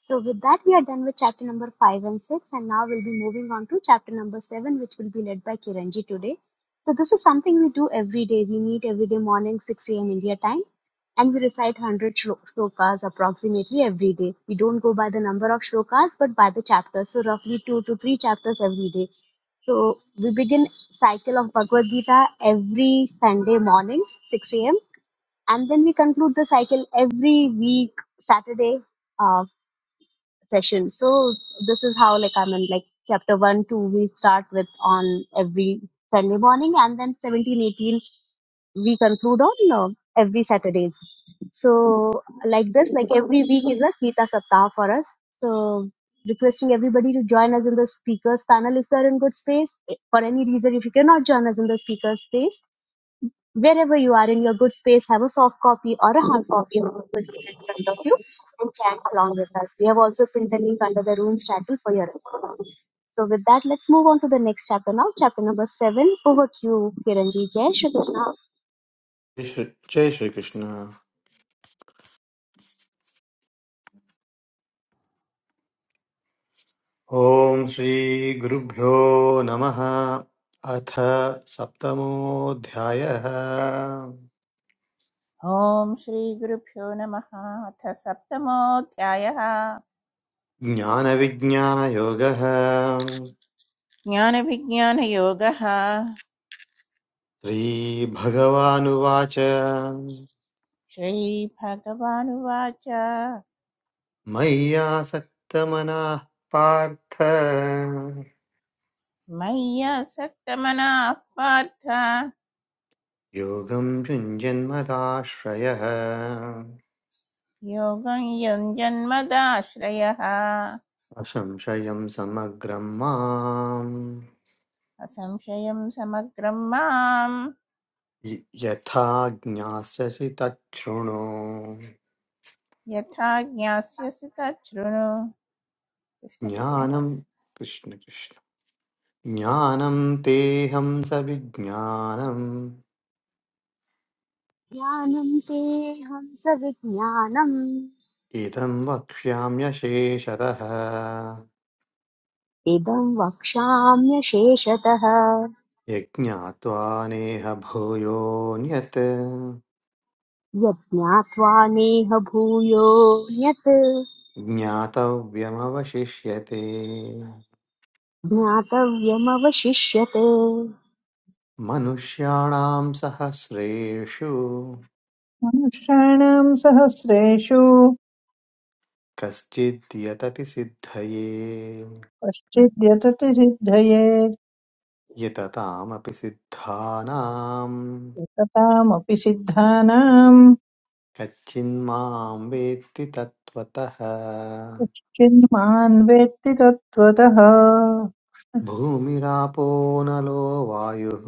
So, with that, we are done with chapter number 5 and 6, and now we'll be moving on to chapter number 7, which will be led by Kiranji today. So, this is something we do every day. We meet every day morning, 6 a.m. India time, and we recite 100 shlo- shlokas approximately every day. We don't go by the number of shlokas, but by the chapters. So, roughly 2 to 3 chapters every day. So, we begin cycle of Bhagavad Gita every Sunday morning, 6 a.m and then we conclude the cycle every week saturday uh, session so this is how like i'm in like chapter 1 2 we start with on every sunday morning and then 17 18 we conclude on uh, every saturdays so like this like every week is a gita saptah for us so requesting everybody to join us in the speakers panel if you are in good space for any reason if you cannot join us in the speakers space Wherever you are in your good space, have a soft copy or a hard copy of the good book in front of you and chant along with us. We have also pinned the link under the room's title for your reference. So with that, let's move on to the next chapter now. Chapter number seven. Over to you, Kiranji. Jai Shri Krishna. Much जय श्रीकृष्ण ॐ श्रीगुरुभ्यो नमः अथ सप्तमोऽध्यायः ॐ श्रीगुरुभ्यो नमः अथ सप्तमोऽध्यायः ज्ञानविज्ञानयोगः ज्ञानविज्ञानयोगः श्रीभगवानुवाच श्रीभगवानुवाच मय्यासक्तमनाः पार्थ मय्यासक्तमनाः पार्थ योगं युञ्जन्मदाश्रयः योगं युञ्जन्मदाश्रयः असंशयं समग्रं माम् असंशयं समग्रं मां य- यथा ज्ञास्यसि तच्छृणु यथा ज्ञास्यसि तच्छृणु कृष्णकृष्ण ज्ञानं कृष्ण कृष्ण ज्ञानं तेहं सविज्ञानम् ज्ञानं तेऽहं सविज्ञानम् इदं वक्ष्याम्यशेषतः इदं वक्ष्याम्य शेषतः यज्ञात्वा नेह भूयोऽन्यत् यज्ञात्वा नेह भूयो यत् ज्ञातव्यमवशिष्यते ज्ञातव्यमवशिष्यते मनुष्याणां सहस्रेषु मनुष्याणाम् सहस्रेषु कश्चिद्यतति सिद्धये कश्चिद्यतति सिद्धये यततामपि सिद्धानां एकतामपि सिद्धानाम् कच्चिन्मां वेत्ति तत्त्वतः कश्चिन्मान् वेत्ति तत्त्वतः भूमिरापो नलो वायुः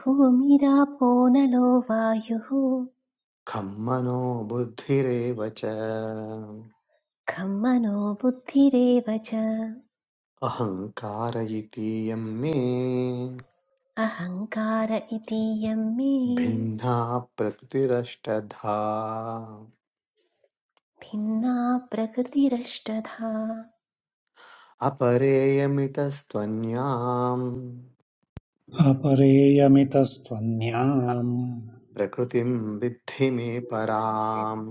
भूमिरापो नलो वायुः खं मनो बुद्धिरेव च खं मनो बुद्धिरेव च अहङ्कार इतीयं मे अहङ्कार इतीयं मे भिन्ना प्रकृतिरष्टधा भिन्ना प्रकृतिरष्टधा अपरेयमितस्त्वन्याम् अपरेयमितस्त्वन्याम् प्रकृतिं विद्धि मे पराम्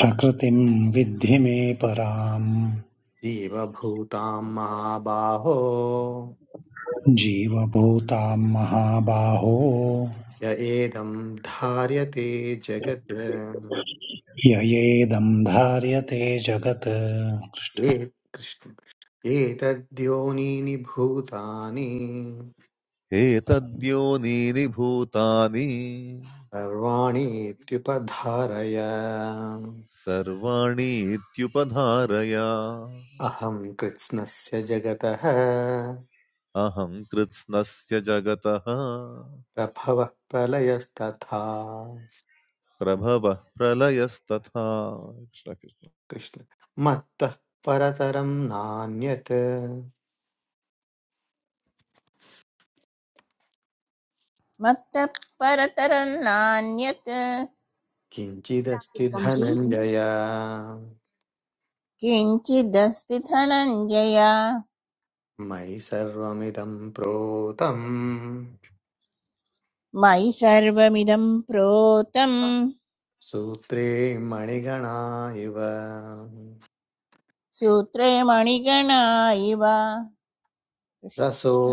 प्रकृतिं विद्धि मे पराम् जीवभूतां महाबाहो जीवभूतां महाबाहो य एदं धार्यते जगत् ययेदं धार्यते जगत् ये कृष्ण एतद्योनीनि भूतानि एतद्योनीनि भूतानि सर्वाणि इत्युपधारय सर्वाणि इत्युपधारय अहं कृत्स्नस्य जगतः अहं कृत्स्नस्य जगतः प्रभवः प्रलयस्तथा प्रभवः प्रलयस्तथा कृष्ण कृष्ण। कृष्ण मत्तः परतरं नान्यत् मत्तः परतरं नान्यत् किञ्चिदस्ति Welcome ji. धनञ्जय किञ्चिदस्ति धनञ्जय मयि सर्वमिदं प्रोतम् मयि सर्वमिदं प्रोतं सूत्रे मणिगणा इव सूत्रे मणिगणा इव रसो कृष्णकृष्ण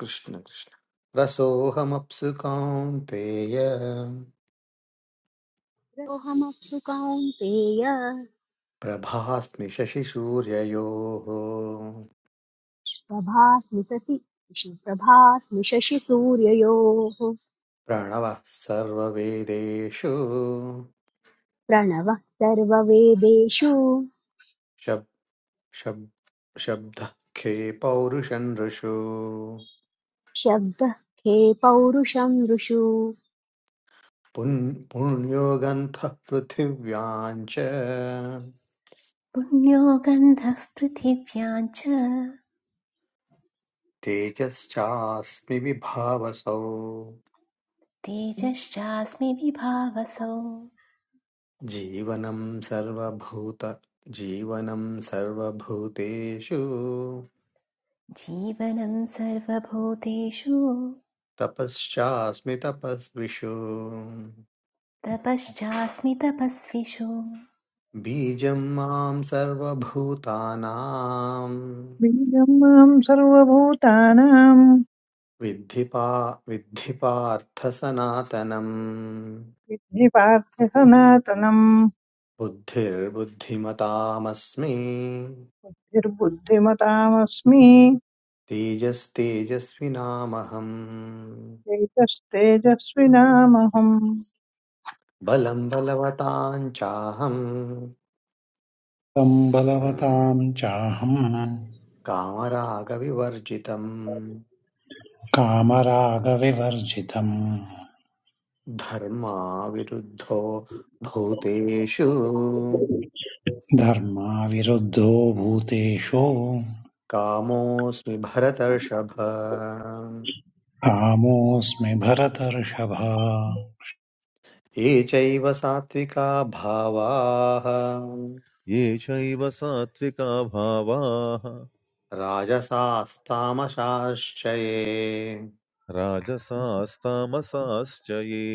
कृष्ण कृष्ण रसोऽहमप्सु कौन्तेय सोऽहमप्सु कौन्तेय प्रभास्मि शशिसूर्ययोः प्रभास्मि सति प्रभास्मि शशिसूर्ययोः प्रणवः सर्ववेदेषु प्रणवः सर्ववेदेषु शब् शब् शब्दः खे पौरुषनृषु शब्दः खे पौरुषं ऋषु पुन्- पुण्योगन्धः पृथिव्याम् च पुण्यो गन्धः पृथिव्यां च तेजश्चास्मि विभावसौ तेजश्चास्मि विभावसौ जीवनं सर्वभूत जीवनं सर्वभूतेषु जीवनं सर्वभूतेषु तपश्चास्मि तपस्विषु तपश्चास्मि तपस्विषु बीजं मां सर्वभूतानां बीजम् माम् सर्वभूतानाम् विद्धि पा विद्धि पार्थ सनातनम् विद्धि पार्थ सनातनम् बुद्धिर्बुद्धिमतामस्मि निर्बुद्धिमतामस्मि तेजस्तेजस्विनामहम् चैतस्तेजस्विनामहम् बलम् बलवताम् चाहम् तं बलवतां चाहं कामरागविवर्जितम् कामरागविवर्जितम् धर्माविरुद्धो भूतेषु धर्माविरुद्धो भूतेषु कामोऽस्मि भरतर्षभ कामोऽस्मि भरतर्षभा ये चैव सात्विका भावाः ये चैव सात्विका भावाः राजसास्तामशाश्चये राजसास्तामसाश्च ये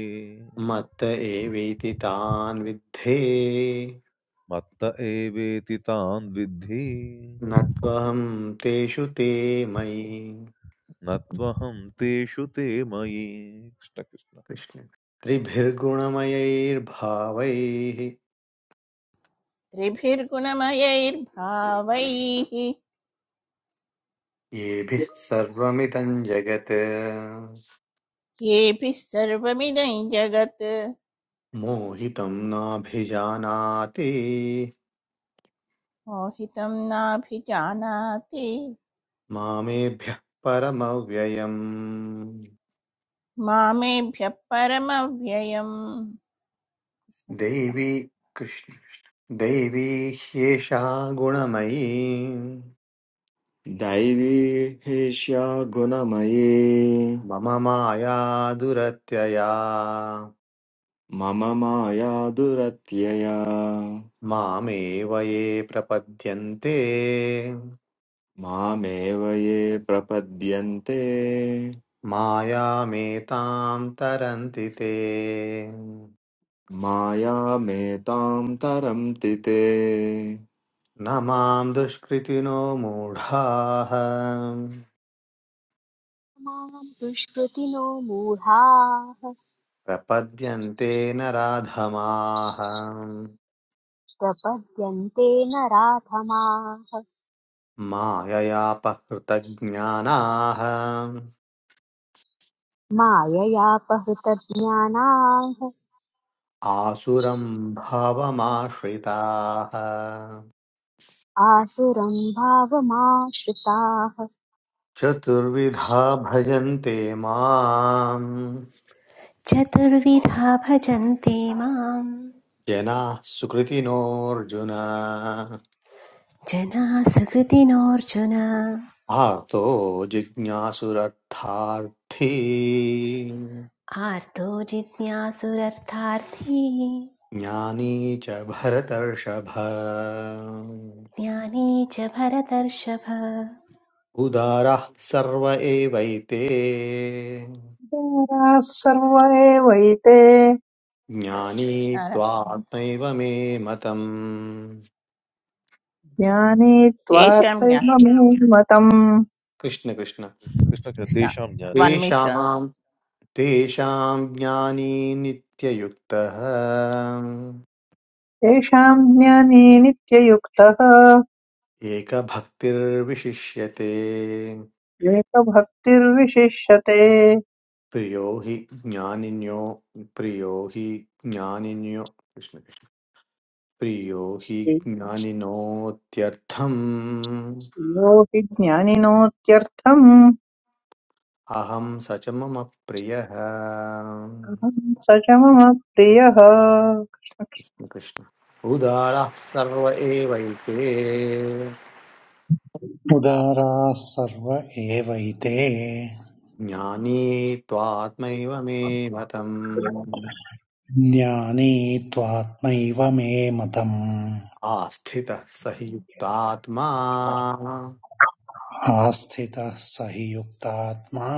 मत्त एवेति तान् विद्धे मत्त एवेति तान् विद्धि न त्वहं तेषु ते मयि न त्वहं तेषु ते मयि कृष्ण कृष्ण कृष्ण त्रिभिर्गुणमयैर्भावैः त्रिभिर्गुणमयैर्भावैः येभिः सर्वमिदं जगत् येभिः सर्वमिदं जगत् मोहितं नाभिजानाति मोहितं नाभिजानाति मामेभ्यः परमव्ययम् मामेभ्यः परमव्ययम् कृष्ण कृष्ण देवी कृष्ण दैवी ह्येषा गुणमयी दैवी ह्येष्या गुणमयी मम माया दुरत्यया मम माया दुरत्यया मामेव ये प्रपद्यन्ते मामेव ये प्रपद्यन्ते मायामेतां तरन्ति ते न मायामेतां तरन्ति ते मां दुष्कृतिनो मूढाः मां दुष्कृतिनो मूढाः प्रपद्यन्ते न राधमाः प्रपद्यन्ते नराधमाः माययापहृतज्ञानाः माययापहृतज्ञानाः आसुरं भावमाश्रिताः आसुरं भावमाश्रिताः चतुर्विधा भजन्ते माम् चतुर्विधा भजन्ते माम् जनाः सुकृतिनोऽर्जुन जनाः सुकृतिनोऽर्जुन आर्तो जिज्ञासुरर्थार्थी आर्तो जिज्ञासुरर्थार्थी ज्ञानी च भरतर्षभ ज्ञानी च भरतर्षभ उदारः सर्व एवैते विचाराः सर्व एवैते ज्ञानी नारायण। त्वात्मैव मे मतम् ज्ञानी तेषां ज्ञा त्वार्थमतम् कृष्ण कृष्ण कृष्ण कृष्ण, कृष्ण तेषां ज्ञाने वन्मिषं तेषाम् तेषां ज्ञानी नित्ययुक्तः तेषां ज्ञानी नित्ययुक्तः एकभक्तिर्विशिष्यते विवेकभक्तिर्विशिष्यते प्रियो हि ज्ञानिन्यो प्रियो हि ज्ञानिन्यो कृष्ण कृष्ण। प्रियो हि ज्ञानिनोत्यर्थम् यो हि ज्ञानिनोत्यर्थम् अहं स च मम प्रियः अहं स च मम प्रियः कृष्ण कृष्ण उदारः सर्व एवैते उदाराः सर्व एवैते ज्ञानी त्वात्मैव मे मतम् ज्ञानी त्वात्मैव मे मतम् आस्थितः स हि युक्तात्मा आस्थितः स हि युक्तात्मा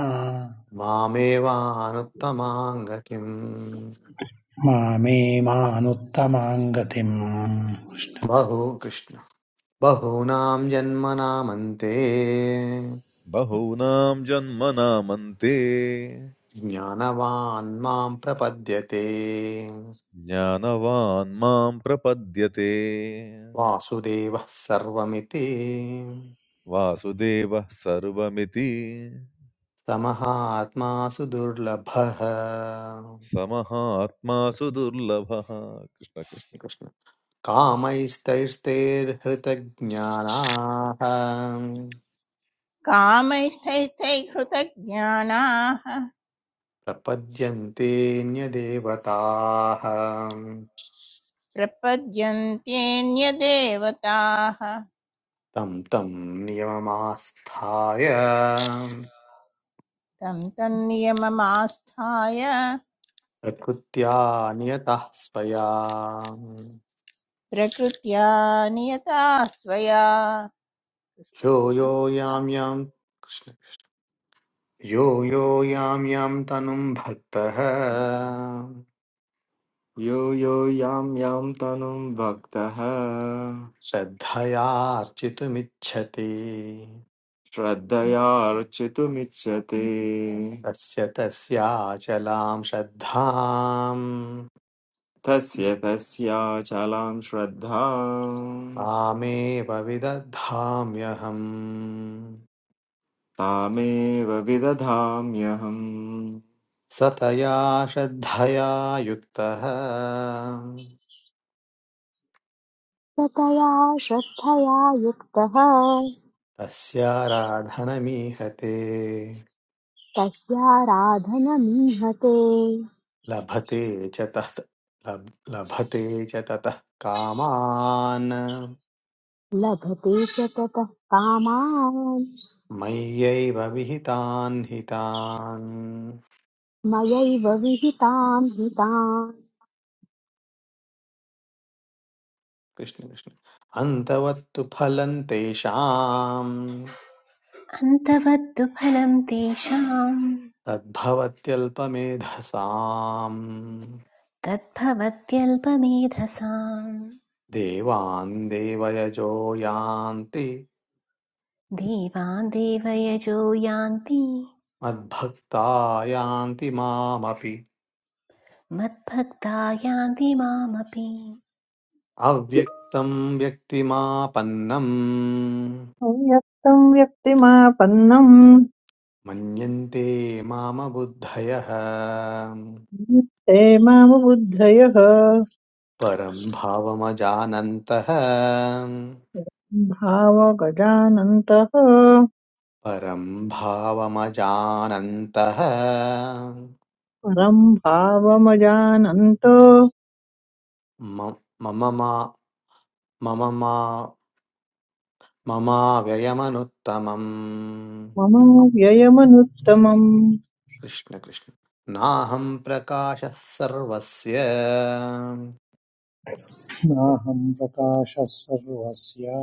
मामेवानुत्तमां गतिम् मामे मानुत्तमां गतिम् बहु कृष्ण बहूनां जन्मनामन्ते बहूनां जन्मनामन्ते ज्ञानवान् मां प्रपद्यते ज्ञानवान् मां प्रपद्यते वासुदेवः सर्वमिति वासुदेवः सर्वमिति समहात्मा सुदुर्लभः समहात्मा सुदुर्लभः कृष्ण कृष्ण कृष्ण कृष्ण। कामैस्तैस्तैर्हृतज्ञानाः कामैस्तैस्तैहृतज्ञानाः प्रपद्यन्तेऽन्यदेवताः प्रपद्यन्त्येन्यदेवताः तं तं तं नियममास्थाय तन्नियममास्थाय प्रकृत्या नियतः स्वया प्रकृत्या नियता स्वया कृष्ण यो कृष्ण। यो यां यां कृष्ण यो यो यां यां तनुं भक्तः यो यो यां यां तनुं भक्तः श्रद्धयार्चितुमिच्छति श्रद्धयार्चितुमिच्छति तस्य तस्याचलां श्रद्धाम् तस्य तस्याचलां श्रद्धां तामेव विदधाम्यहम् तामेव विदधाम्यहम् सतया श्रद्धया युक्तः ततया श्रद्धया युक्तः तस्याराधनमीहते तस्याराधनमीहते लभते च तत् लब्- लभते च ततः कामान् लभते च ततः कामान् मय्यैव विहितान् हितान् मयैव विहितान् हितान् कृष्ण कृष्ण अन्तवत्तु फलं तेषाम् अन्तवत्तु फलं तेषाम् तद्भवत्यल्पमेधसाम् तद्भवत्यल्पमेधसां, देवान् देवयजो यान्ति देवान् देवयजो यान्ति मद्भक्ता यान्ति मामपि मद्भक्ता यान्ति मामपि अव्यक्तं व्यक्तिमापन्नम् व्यक्तं व्यक्तिमापन्नं मन्यन्ते माम बुद्धयः ते मामुबुद्धयः परं भावमजानन्तः भावगजानन्तः परं भावमजानन्तः परं भावमजानन्तो म- मम मा मम मा ममाव्ययमनुत्तमम् मम व्ययमनुत्तमम् कृष्ण कृष्ण नाहं प्रकाशः सर्वस्य नाहं प्रकाशः सर्वस्य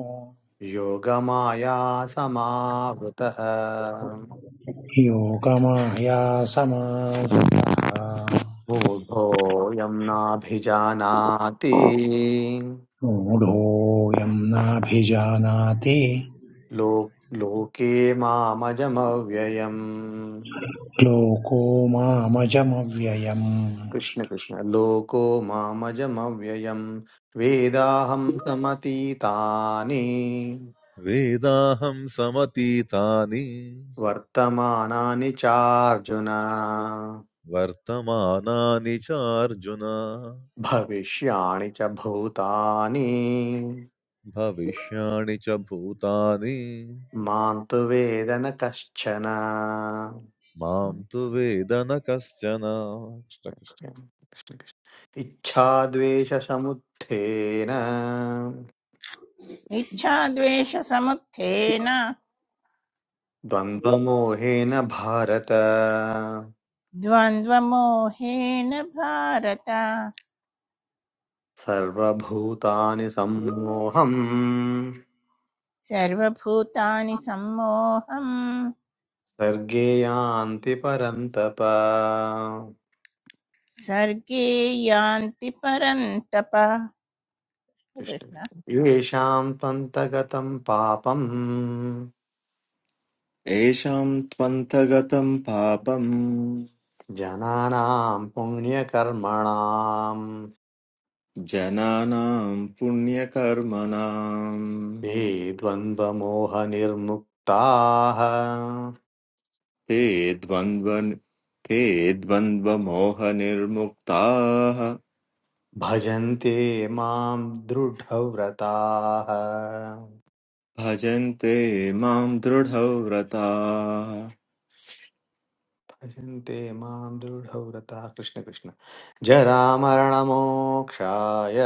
योगमाया समावृतः योगमायासमावृतः मूढोऽयं नाभिजानाति मूढोऽयं नाभिजानाति लो लोके मामजमव्ययम् लोको मामजमव्ययम् कृष्ण कृष्ण लोको मामजमव्ययम् वेदाहं समतीतानि वेदाहं वर्तमानानि चार्जुन वर्तमानानि चार्जुन भविष्याणि च भूतानि भविष्याणि च भूतानि मां तु वेद न कश्चन मां तु वेद न कश्चन कृष्ण कृष्ण। इच्छाद्वेषसमुत्थेन इच्छाद्वेषसमुत्थेन द्वन्द्वमोहेन भारत द्वन्द्वमोहेन भारत सर्वभूतानि सम्मोहम् सर्वभूतानि सम्मोहं सर्गे यान्ति परन्तप सर्गे यान्ति परन्तप कृष्ण येषाम् त्वन्तगतम् पापं येषां त्वन्तगतं पापं जनानां पुण्यकर्मणाम् जनानां पुण्यकर्मणां ये द्वन्द्वमोहनिर्मुक्ताः ते द्वन्द्वन ते द्वन्द्वमोहनिर्मुक्ताः भजन्ते माम् दृढव्रताः भजन्ते मां दृढव्रताः भजन्ते माम् दृढव्रताः कृष्ण कृष्ण जरामरणमोक्षाय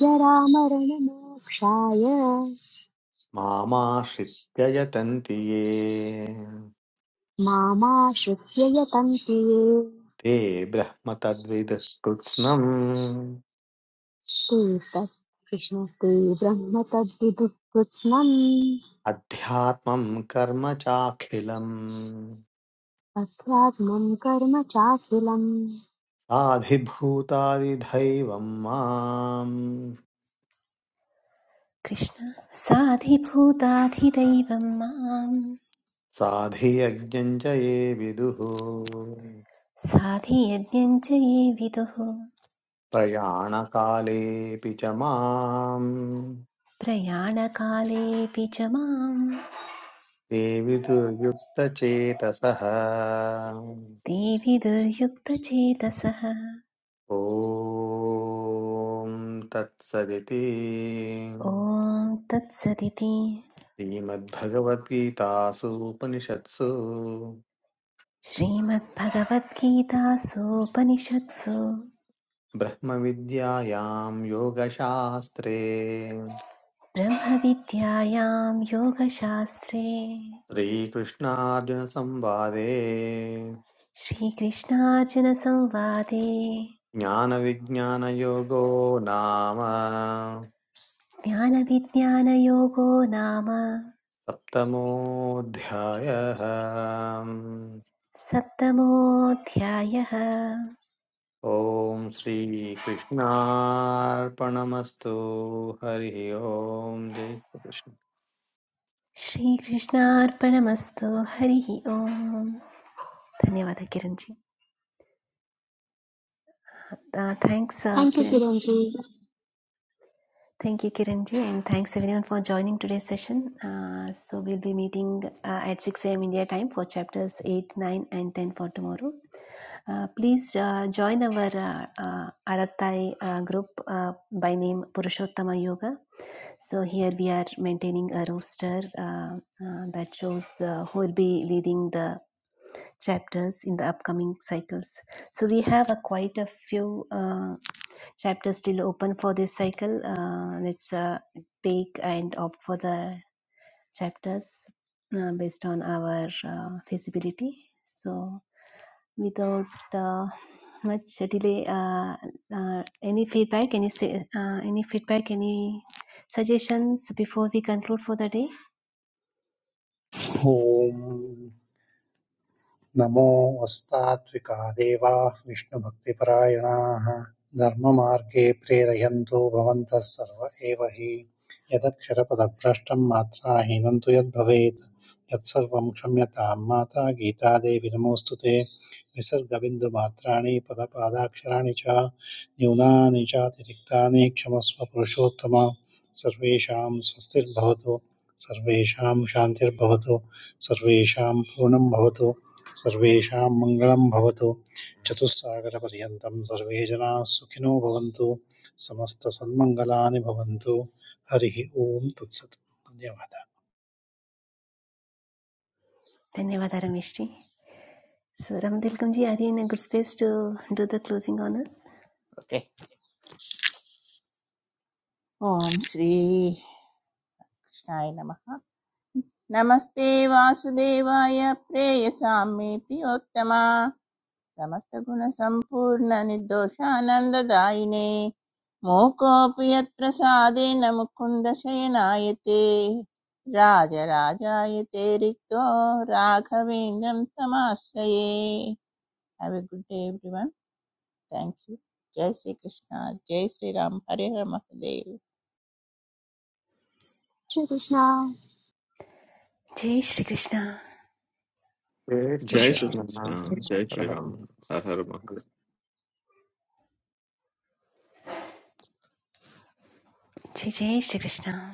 जरामरणमोक्षाय मामाश्रित्य यतन्ति ये मामाश्रित्य यतन्ति ये ते ब्रह्म तद्विद् कृत्स्नम् ते तत् कृष्ण ते ब्रह्म तद्विदुः कृत्स्नम् अध्यात्मं कर्म चाखिलम् अध्यात्मम् कर्म चाखिलम् साधिभूतादिधैवम् माम् कृष्ण साधिभूताधिदैवं माम् साधियज्ञम् च ये विदुः साधियज्ञं च ये विदुः प्रयाणकालेऽपि च माम् प्रयाणकालेऽपि च माम् ते विदुर्युक्तचेतसः देवि दुर्युक्तचेतसः ॐ तत्सदिति ॐ तत्सदिति श्रीमद्भगवद्गीतासु उपनिषत्सु श्रीमद्भगवद्गीतासूपनिषत्सु ब्रह्मविद्यायां योगशास्त्रे ब्रह्मविद्यायां योगशास्त्रे श्रीकृष्णार्जुनसंवादे श्रीकृष्णार्जुनसंवादे ज्ञानविज्ञानयोगो नाम ज्ञानविज्ञानयोगो नाम सप्तमोऽध्यायः सप्तमोऽध्यायः ॐ श्रीकृष्णार्पणमस्तु हरिः ओम् जय श्रीकृष्ण श्रीकृष्णार्पणमस्तु हरिः ओम् धन्यवादः Kiranji thanks thank you Kiran Kiran ji Thank you, Kiranji, and thanks everyone for joining today's session. Uh, so, we'll be meeting uh, at 6 a.m. India time for chapters 8, 9, and 10 for tomorrow. Uh, please uh, join our uh, uh, Arattai uh, group uh, by name Purushottama Yoga. So, here we are maintaining a roster uh, uh, that shows uh, who will be leading the chapters in the upcoming cycles. So we have a quite a few uh, chapters still open for this cycle. Uh, let's uh, take and opt for the chapters uh, based on our uh, feasibility. So without uh, much delay, uh, uh, any feedback, any sa- uh, any feedback, any suggestions before we conclude for the day. ॐ नमोऽस्तात्विका देवाः विष्णुभक्तिपरायणाः धर्ममार्गे प्रेरयन्तो भवन्तः सर्व एव हि यदक्षरपदभ्रष्टं मात्राहीनं तु यद्भवेत् यत्सर्वं क्षम्यतां माता गीतादेवी नमोऽस्तु ते विसर्गबिन्दुमात्राणि पदपादाक्षराणि च न्यूनानि चातिरिक्तानि क्षमस्व पुरुषोत्तम सर्वेषां स्वस्तिर्भवतु सर्वेषां शान्तिर्भवतु सर्वेषां पूर्णं भवतु సర్విషా మంగళం భవతో చిసాగరపరింతమ సర్విరా సుఖిను భవంతో సమస్తసం మంగళాని భవంతో హరిగి ఓం త్సత్ న్యవాదా ధన్యవాదాలు మిష్టి so Ramatilakji are you in a good space to do the closing honors okay ॐ श्री कृष्णाय नमः नमस्ते वासुदेवाय प्रेयसाम्ये प्रियोत्तमा समस्तगुणसम्पूर्णनिर्दोषानन्ददायिने मूकोऽपि यत्प्रसादेन मुकुन्दशयनायते राजराजायते रिक्तो राघवेन्द्रं तमाश्रये have a good day everyone thank you जय श्री कृष्ण जय श्री राम हरे हर महादेव श्री कृष्णा जय श्रीकृष्ण जय క్ష్రిస్న్న్న్న్న్న్ जय श्रीकृष्ण श्रीकृष्ण हर जय हर श्रीराम महादेव। हर हर महादेव जय जय श्रीकृष्ण